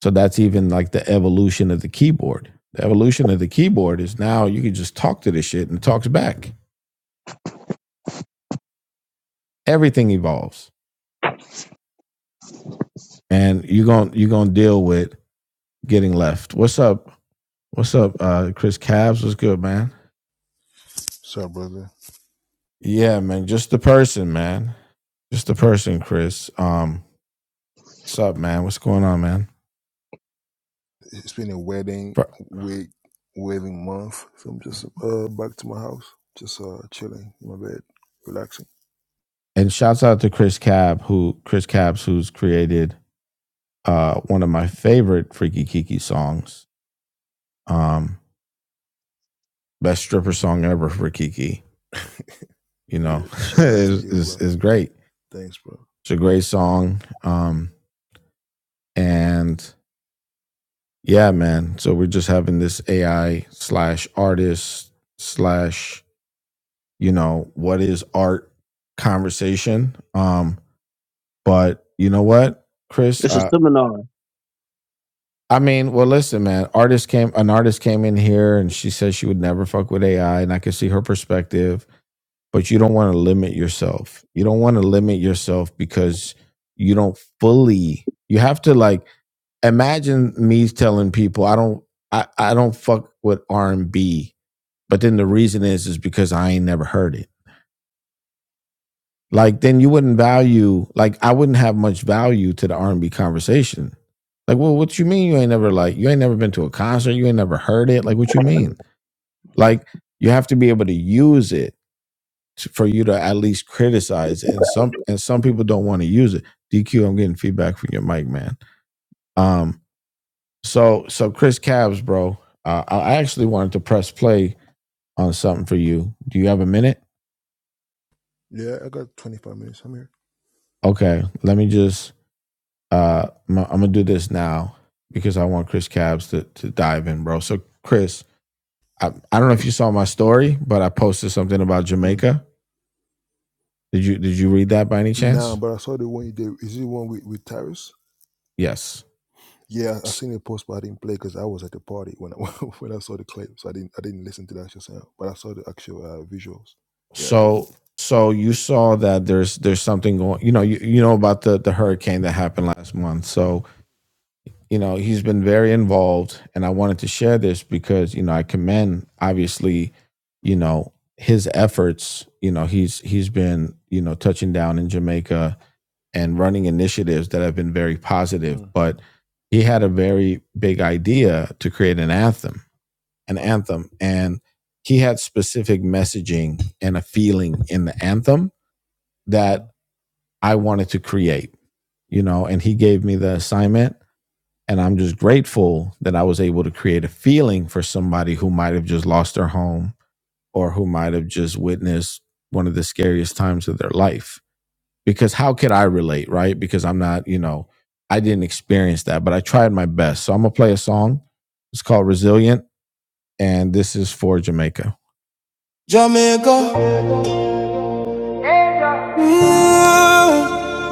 Speaker 1: So that's even like the evolution of the keyboard. The evolution of the keyboard is now you can just talk to this shit and it talks back. Everything evolves. And you're going to you're going to deal with getting left. What's up? What's up, uh, Chris Cabs? What's good, man?
Speaker 12: Sorry, brother,
Speaker 1: Yeah, man. Just the person, man. Just the person, Chris. Um, what's up, man? What's going on, man?
Speaker 12: it's been a wedding week, wedding month. So I'm just uh back to my house, just uh chilling in my bed, relaxing.
Speaker 1: and shouts out to Chris Cab, who Chris Cabs, who's created uh one of my favorite Freaky Kiki songs. Um, best stripper song ever for Kiki. You
Speaker 12: Yeah,
Speaker 1: know,
Speaker 12: shout out to
Speaker 1: is
Speaker 12: you,
Speaker 1: is
Speaker 12: bro.
Speaker 1: is great.
Speaker 12: Thanks, bro.
Speaker 1: It's a great song. Um, and yeah, man. So we're just having this AI slash artist slash you know, what is art conversation. Um, but you know what, Chris?
Speaker 5: it's a
Speaker 1: Uh,
Speaker 5: seminar.
Speaker 1: I mean, well, listen, man. Artist came, an artist came in here, and she said she would never fuck with AI, and I could see her perspective. But you don't want to limit yourself. You don't want to limit yourself because you don't fully. You have to like imagine me telling people I don't, I, I don't fuck with R and B, but then the reason is is because I ain't never heard it like then you wouldn't value like I wouldn't have much value to the R and B conversation. Like, well, what you mean you ain't never like you ain't never been to a concert, you ain't never heard it. Like, what you mean? Like, you have to be able to use it to, for you to at least criticize it. And some and some people don't want to use it. DQ, I'm getting feedback from your mic, man. Um, so so Chris Cabs, bro, uh, I actually wanted to press play on something for you. Do you have a minute?
Speaker 12: Yeah, I got 25 minutes. I'm here.
Speaker 1: Okay, let me just Uh, I'm, gonna do this now because I want Chris Cabs to to dive in, bro. So Chris, I, I don't know if you saw my story, but I posted something about
Speaker 12: Mm.
Speaker 1: Jamaica. Did you did you read that by any
Speaker 12: Nah,
Speaker 1: chance?
Speaker 12: but I saw the one you did. Is it the one with with Tyrus?
Speaker 1: Yes.
Speaker 12: Yeah, I I seen the post, but I didn't play because I was at the party when I, when I saw the clip, so I didn't I didn't listen to the actual sound, but I saw the actual uh, visuals. Yeah, I did.
Speaker 1: So so you saw that there's there's something going. You know you, you know about the the hurricane that happened last month. So you know, he's been very involved. And I wanted to share this because, you know, I commend obviously, you know, his efforts. You know, he's he's been, you know, touching down in Jamaica and running initiatives that have been very positive.
Speaker 12: Mm,
Speaker 1: But he had a very big idea to create an anthem, an
Speaker 12: right.
Speaker 1: anthem. And he had specific messaging and a feeling in the anthem that
Speaker 12: Mm-hmm.
Speaker 1: I wanted to create, you know, and he gave me the assignment and I'm just grateful that I was able to create a feeling for somebody who might have just lost their home or who might have just witnessed one of the scariest times of their life. Because how could I relate, right? Because I'm not, you know, I didn't experience that, but I tried my best. So I'm going to play a song. It's called Resilient, and this is for Jamaica. Jamaica. mm,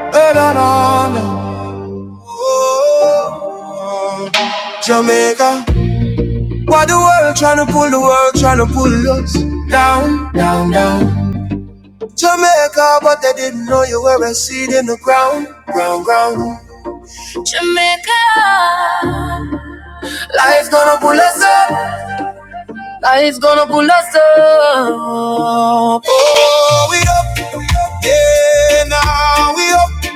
Speaker 1: and an honor. Ooh, Jamaica. Why the world tryna pull the world tryna pull us down, down, down? Jamaica, but they didn't know you were a seed in the ground, ground, ground. Life's gonna pull us up, life's gonna pull us up. Oh, we up, yeah, now we up.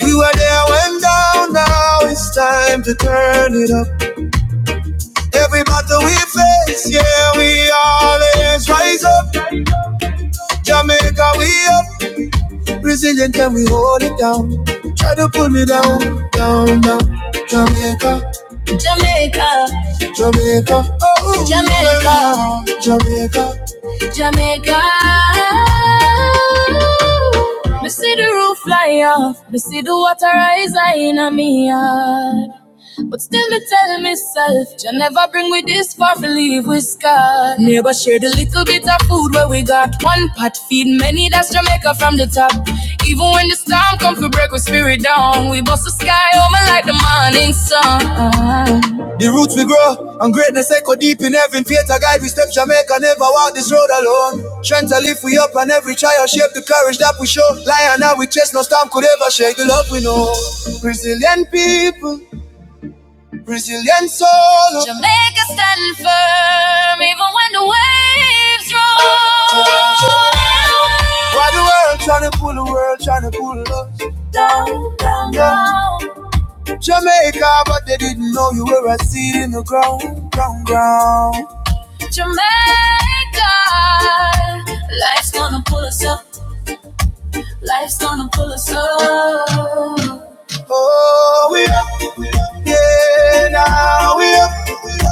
Speaker 1: We were there when down, now it's time to turn it up. Every battle we face, yeah, we always rise up. Jamaica, we up. Brazilian, can we hold it down? Try to pull me down, down, down. Jamaica, Jamaica, Jamaica, oh, Jamaica, Jamaica. Jamaica. Me see the roof fly off, me see the water rise high in a me heart. But still I tell myself, you never bring me this far to leave with scar. Neighbor share the little bit of food where we got. One pot feed many, that's Jamaica from the top. Even when the storm come to break with spirit down, we bust the sky over like the morning sun. The roots we grow, and greatness echo deep in heaven. Faith a guide, we step Jamaica, never walk this road alone. Strength to lift we up, and every trial shape the courage that we show. Lion now we chase, no storm could ever shake the love we know. Resilient people. Brazilian soul, Jamaica stand firm even when the waves roll. Why the world trying to pull the world trying to pull us down, down, yeah. down. Jamaica, but they didn't know you were a seed in the ground, ground, ground. Jamaica, life's gonna pull us up, life's gonna pull us up. Oh, we up, yeah, now we up.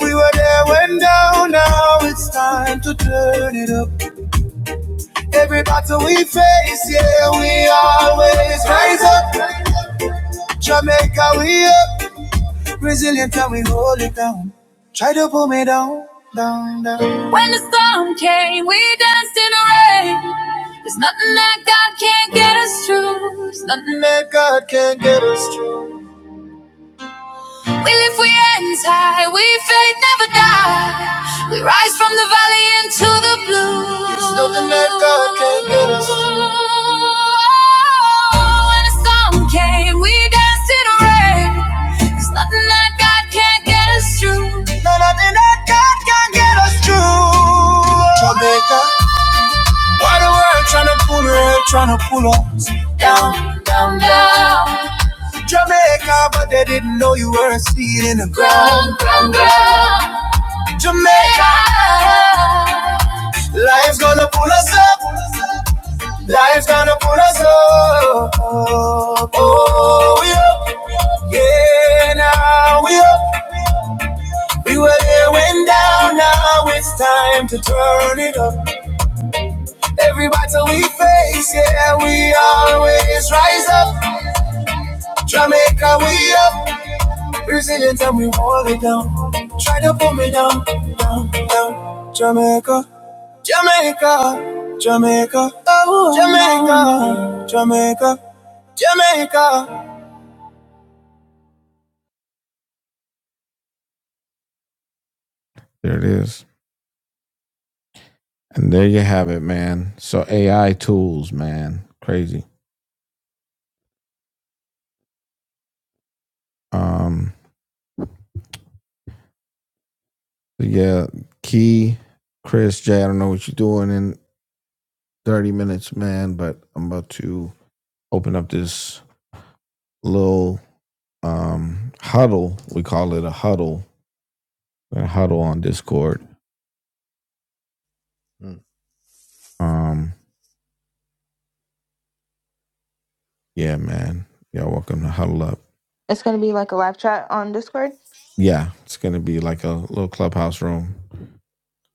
Speaker 1: We were there when down, now it's time to turn it up. Every battle we face, yeah, we always rise up. Jamaica, we up, resilient and we hold it down. Try to pull me down, down, down. When the storm came, we danced in the rain. There's nothing that God can't get us through. There's nothing that God can't get us through. We lift, we hands high, we faith never die. We rise from the valley into the blue. There's nothing that God can't get us. When the storm came, we danced in the rain. There's nothing that God can't get us through. No, nothing that God can not get us through. Jamaica. Why the world tryna pull her, tryna pull us down, down, down? Jamaica, but they didn't know you were a seed in the ground. Jamaica, life's gonna pull us up. Life's gonna pull us up. Oh, we up. Yeah, now we up. We were there when down, now it's time to turn it up. Every battle we face, yeah, we always rise up. Jamaica, we up. Brazilian time we hold it down. Try to pull me down, down, down. Jamaica, Jamaica, Jamaica, oh, Jamaica, Jamaica, Jamaica. There it is. And there you have it, man. So AI tools, man. Crazy. Um, yeah, Key, Chris, Jay, I don't know what you're doing in 30 minutes, man, but I'm about to open up this little um huddle. We call it a huddle gonna huddle on Discord.
Speaker 12: Mm.
Speaker 1: Um, yeah, man. Y'all welcome to huddle up.
Speaker 11: It's gonna be like a live chat on Discord.
Speaker 1: Yeah, it's gonna be like a little clubhouse room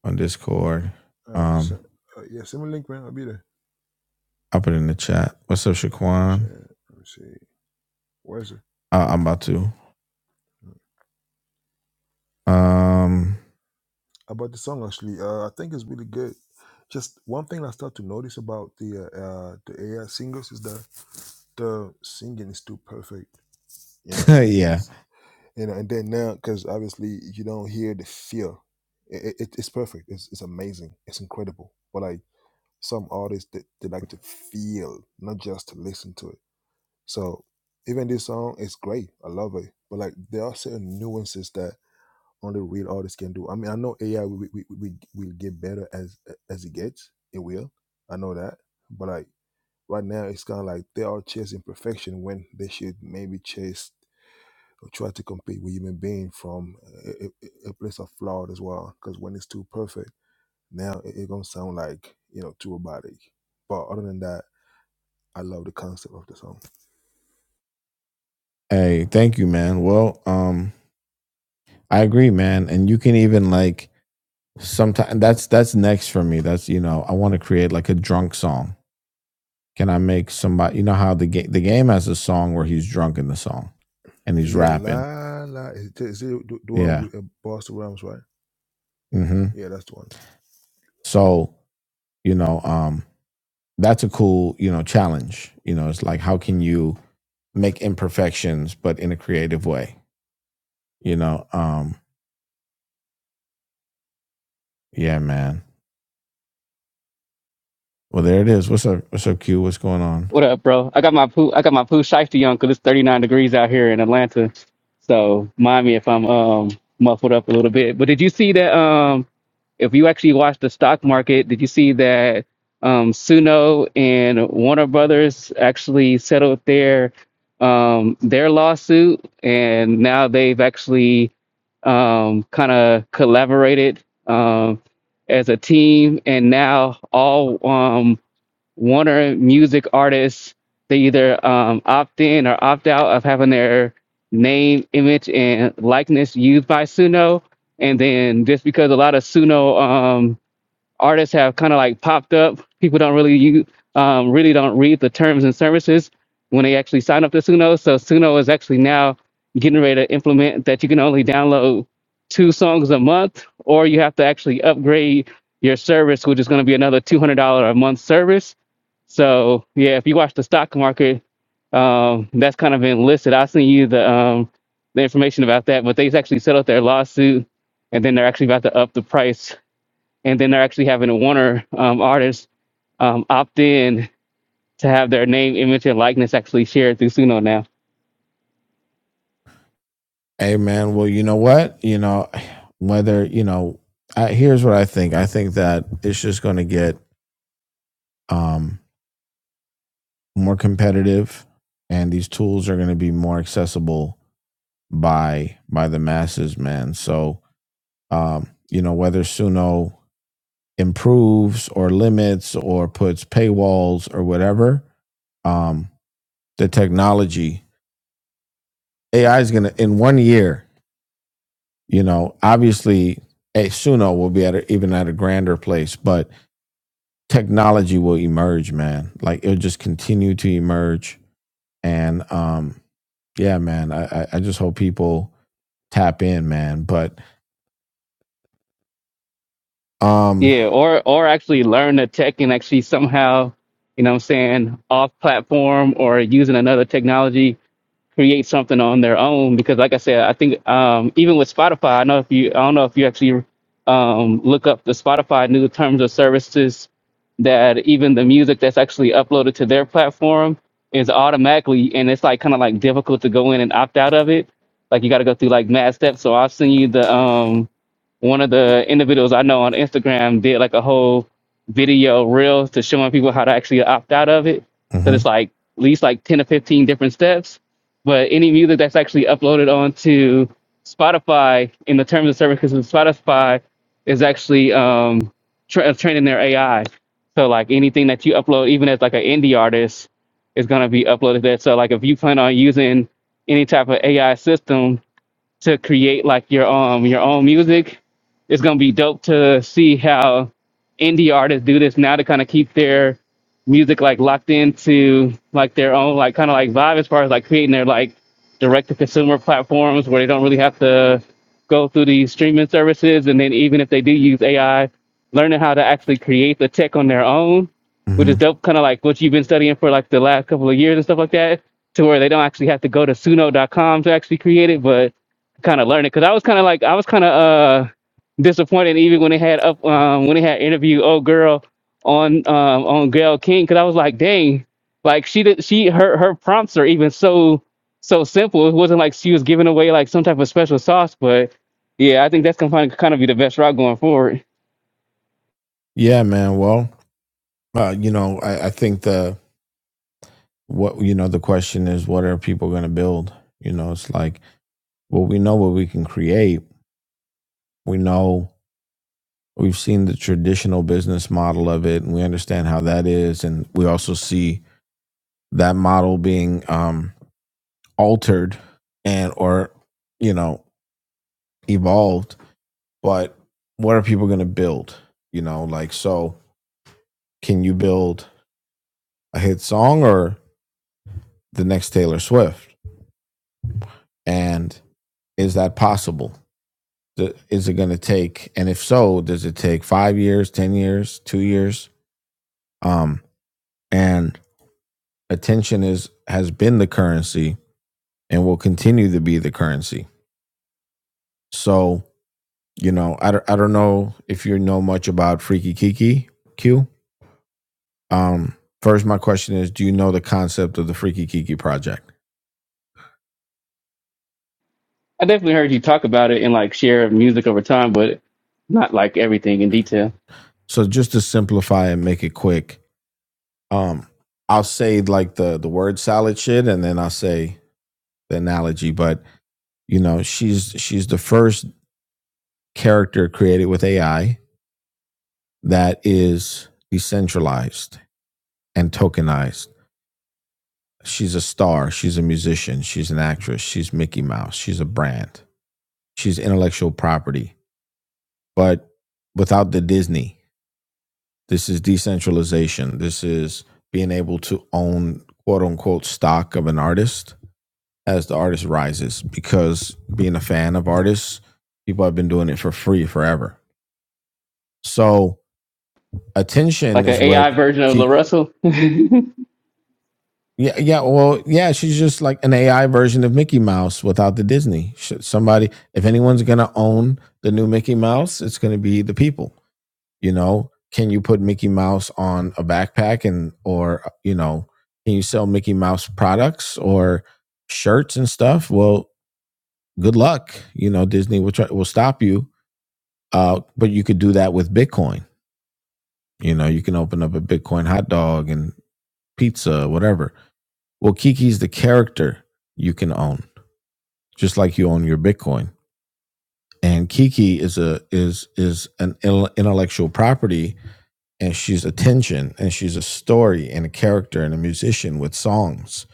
Speaker 1: on Discord.
Speaker 12: All right. So,
Speaker 1: Um,
Speaker 12: uh, yeah, send me a link, man. I'll be there.
Speaker 1: I'll put it in the chat. What's up,
Speaker 12: I point
Speaker 1: Shaquan?
Speaker 12: shit. Let me see. Where is it?
Speaker 1: Uh, I'm about to.
Speaker 12: Mm.
Speaker 1: Um,
Speaker 12: About the song actually, uh, I think it's really good. Just one thing I start to notice about the uh, uh the AI singers is that the singing is too perfect. You know, it,
Speaker 1: yeah.
Speaker 12: it's you know, and then now because obviously you don't hear the feel. It, it, it's perfect. It's it's amazing. It's incredible. But like some artists, they, they like to feel, not just to listen to it. So even this song is great. I love it. But like there are certain nuances that only real artists can do. I mean, I know AI will we, we, will get better as as it gets. It will. I know that. But like right now, it's kind of like they are chasing perfection when they should maybe chase or try to compete with human being from a, a, a place of flawed as well. Because when it's too perfect, now it, it gonna sound like you know too robotic. But other than that, I love the concept of the song.
Speaker 1: Hey, thank you, man. Well, um, I agree, man. And you can even like sometimes that's that's next for me. That's you know I want to create like a drunk song. Can I make somebody? You know how the game the game has a song where he's drunk in the song, and he's
Speaker 12: Yeah,
Speaker 1: rapping
Speaker 12: la la. Is, is it the the one
Speaker 1: Yeah.
Speaker 12: with uh, Busta Rhymes, right?
Speaker 1: hmm
Speaker 12: Yeah, that's the one.
Speaker 1: So, you know, um, that's a cool, you know, challenge. You know, it's like how can you make imperfections but in a creative way? You know, um, yeah, man. Well, there it is. What's up? What's up, Q? What's going on?
Speaker 13: What up, bro? I got my poo I got my poo shiesty Cause it's 39 degrees out here in Atlanta. So mind me if I'm um muffled up a little bit. But did you see that um if you actually watched the stock market, did you see that um Suno and Warner Brothers actually settled their um their lawsuit and now they've actually um kind of collaborated um as a team and now all um Warner Music artists they either um, opt in or opt out of having their name, image, and likeness used by Suno. And then just because a lot of Suno um, artists have kind of like popped up. People don't really you um, really don't read the terms and services when they actually sign up to Suno. So Suno is actually now getting ready to implement that you can only download two songs a month, or you have to actually upgrade your service, which is going to be another two hundred dollar a month service. So yeah, if you watch the stock market, um, that's kind of been listed. I'll send you the um, the information about that. But they actually settled their lawsuit, and then they're actually about to up the price and then they're actually having a Warner um, artist um, opt in to have their name, image, and likeness actually shared through Suno now.
Speaker 1: Hey, man. Well, you know what? You know, whether you know, I, here's what I think. I think that it's just going to get um, more competitive, and these tools are going to be more accessible by by the masses, man. So, Um, you know, whether Suno improves or limits or puts paywalls or whatever, um, the technology AI is going to in one year. You know, obviously, eh, Suno will be at a, even at a grander place, but technology will emerge, man. Like it'll just continue to emerge, and um, yeah, man. I I, I just hope people tap in, man. But um,
Speaker 13: Yeah, or or actually learn the tech and actually somehow, you know, what I'm saying off platform or using another technology create something on their own because like i said i think um, even with spotify i know if you i don't know if you actually um, look up the spotify new terms of services that even the music that's actually uploaded to their platform is automatically and it's like kind of like difficult to go in and opt out of it like you got to go through like mad steps so i'll send you the um one of the individuals I know on Instagram did like a whole video reel to showing people how to actually opt out of it. So
Speaker 1: hmm
Speaker 13: it's like at least like 10 or 15 different steps. But any music that's actually uploaded onto Spotify in the terms of services of Spotify is actually um, tra- training their AI. So like anything that you upload, even as like an indie artist, is gonna be uploaded there. So like if you plan on using any type of AI system to create like your um your own music. It's gonna be dope to see how indie artists do this now to kind of keep their music like locked into like their own like kind of like vibe as far as like creating their like direct to consumer platforms where they don't really have to go through these streaming services and then even if they do use AI, learning how to actually create the tech on their own, which
Speaker 1: hmm
Speaker 13: is dope kind of like what you've been studying for like the last couple of years and stuff like that, to where they don't actually have to go to suno.com to actually create it, but kind of learning because I was kind of like I was kind of uh disappointed even when they had up um when they had interview oh girl on um on Gail King because I was like dang like she did she her her prompts are even so so simple it wasn't like she was giving away like some type of special sauce but yeah I think that's gonna kind of, kind of be the best route going forward
Speaker 1: Yeah, man. Well, uh, you know, I, I think the what you know the question is what are people going to build? You know, it's like well, we know what we can create. We know We've seen the traditional business model of it, and we understand how that is, and we also see that model being um, altered and or you know evolved. But what are people going to build? You know, like so, can you build a hit song or the next Taylor Swift? And is that possible? Is it going to take, and if so, does it take five years, ten years, two years? Um, and attention is has been the currency and will continue to be the currency. So, you know, I, I don't know if you know much about Freaky Kiki Q. Um, first, my question is do you know the concept of the Freaky Kiki project?
Speaker 13: I definitely heard you talk about it and like share music over time but not like everything in detail
Speaker 1: So, just to simplify and make it quick, um, I'll say like the, the word salad shit and then I'll say the analogy, but you know, she's she's the first character created with AI that is decentralized and tokenized She's a star. She's a musician. She's an actress. She's Mickey Mouse. She's a brand. She's intellectual property. But without the Disney, this is decentralization. This is being able to own quote unquote stock of an artist as the artist rises because being a fan of artists, people have been doing it for free forever. So attention
Speaker 13: like an
Speaker 1: is
Speaker 13: AI
Speaker 1: what
Speaker 13: version of La
Speaker 1: keep
Speaker 13: Russell
Speaker 1: Yeah, yeah. Well, yeah. She's just like an AI version of Mickey Mouse without the Disney. Should somebody, if anyone's gonna own the new Mickey Mouse, it's gonna be the people. You know, can you put Mickey Mouse on a backpack and, or you know, can you sell Mickey Mouse products or shirts and stuff? Well, good luck. You know, Disney will try, will stop you. Uh, but you could do that with Bitcoin. You know, you can open up a Bitcoin hot dog and pizza, whatever. Well, Kiki's the character you can own just like you own your Bitcoin. And Kiki is a is is an intellectual property, and she's attention, and she's a story, and a character, and a musician with songs.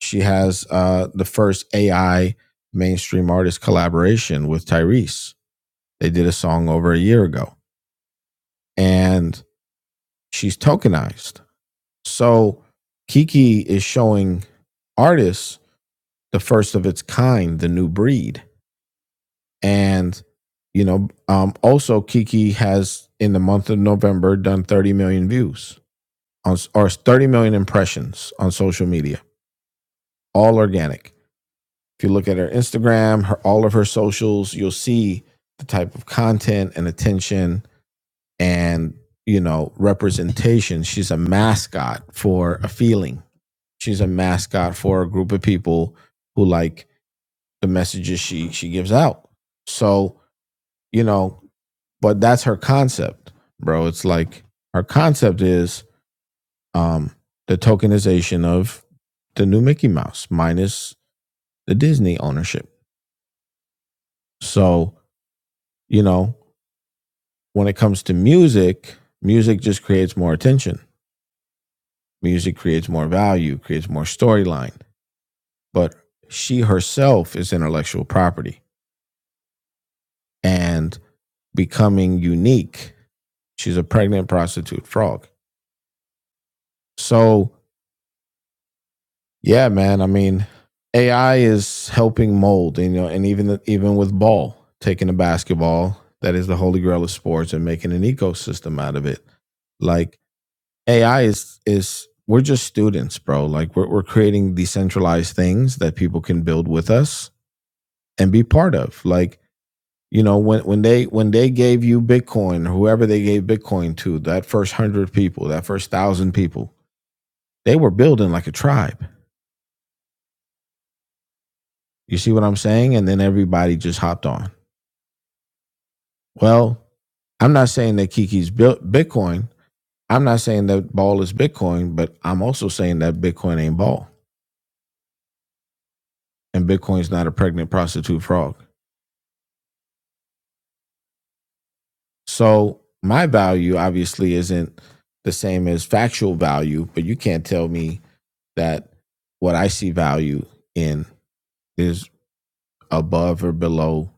Speaker 1: She has uh, the first AI mainstream artist collaboration with Tyrese. They did a song over a year ago, and she's tokenized. So Kiki is showing artists the first of its kind, the new breed. and you know um also kiki has in the month of november done 30 million views on or 30 million impressions on social media all organic if you look at her instagram her all of her socials you'll see the type of content and attention and you know representation she's a mascot for a feeling she's a mascot for a group of people who like the messages she she gives out so you know But that's her concept, bro. It's like her concept is um, the tokenization of the new Mickey Mouse minus the Disney ownership. So, you know, when it comes to music, music just creates more attention. Music creates more value, creates more storyline. But she herself is intellectual property and becoming unique. She's a pregnant prostitute frog. So Yeah, man. I mean, AI is helping mold, you know, and even the, even with ball, taking a basketball that is the holy grail of sports and making an ecosystem out of it. Like AI is is we're just students, bro. Like we're we're creating decentralized things that people can build with us and be part of. Like you know when when they when they gave you Bitcoin, whoever they gave Bitcoin to, that first hundred people, that first thousand people, they were building like a tribe You see what I'm saying? And then everybody just hopped on. Well, I'm not saying that Kiki's built Bitcoin. I'm not saying that ball is Bitcoin, but I'm also saying that Bitcoin ain't ball and Bitcoin's not a pregnant prostitute frog. So my value obviously isn't the same as factual value, but you can't tell me that what I see value in is above or below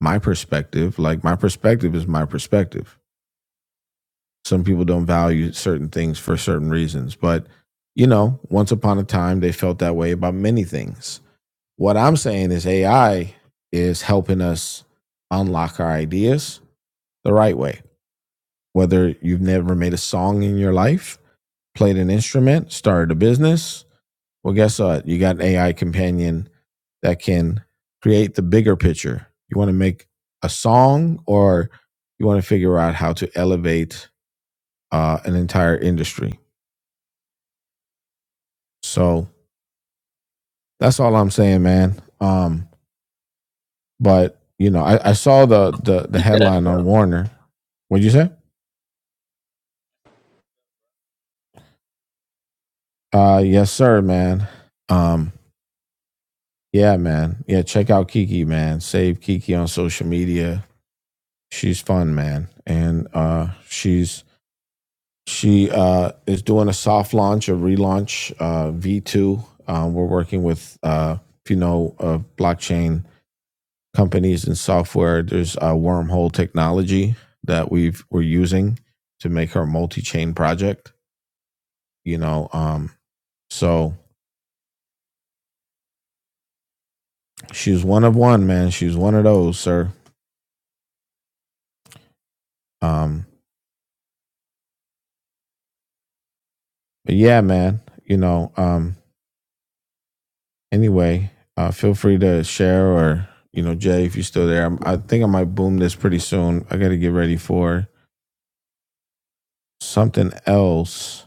Speaker 1: my perspective. Like my perspective is my perspective. some people don't value certain things for certain reasons but you know once upon a time they felt that way about many things what i'm saying is ai is helping us unlock our ideas the right way whether you've never made a song in your life played an instrument started a business well guess what you got an ai companion that can create the bigger picture you want to make a song or you want to figure out how to elevate uh, an entire industry So that's all I'm saying, man. Um, but you know, I, I saw the, the the headline on Warner. What'd you say? Uh, yes, sir, man. Um, yeah, man. Yeah, check out Kiki, man. Save Kiki on social media. She's fun, man, and uh, she's she uh is doing a soft launch, a relaunch, uh, V two. Um, we're working with uh, if you know, uh, blockchain companies and software. There's a wormhole technology that we've we're using to make her multi-chain project. You know, um, so she's one of one, man. She's one of those, sir. Um, but yeah, man. You know, um, anyway, uh, feel free to share or you know, Jay, if you're still there, I'm, I think I might boom this pretty soon. I got to get ready for something else.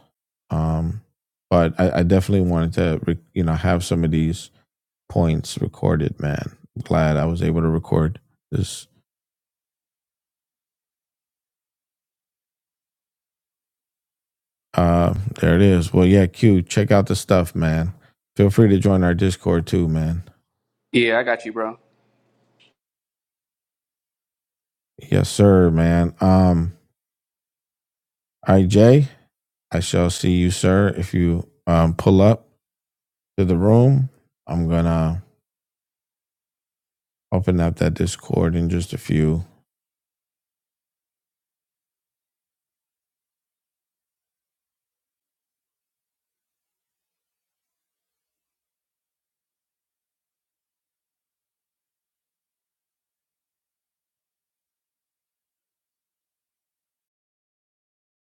Speaker 1: Um, but I, I definitely wanted to, you know, have some of these points recorded, man. Glad I was able to record this. Uh, there it is. Well, yeah, Q, check out the stuff, man. Feel free to join our Discord too, man. Yes, sir, man. Um, all right, Jay, I shall see you, sir. If you um pull up to the room, I'm gonna open up that Discord in just a few.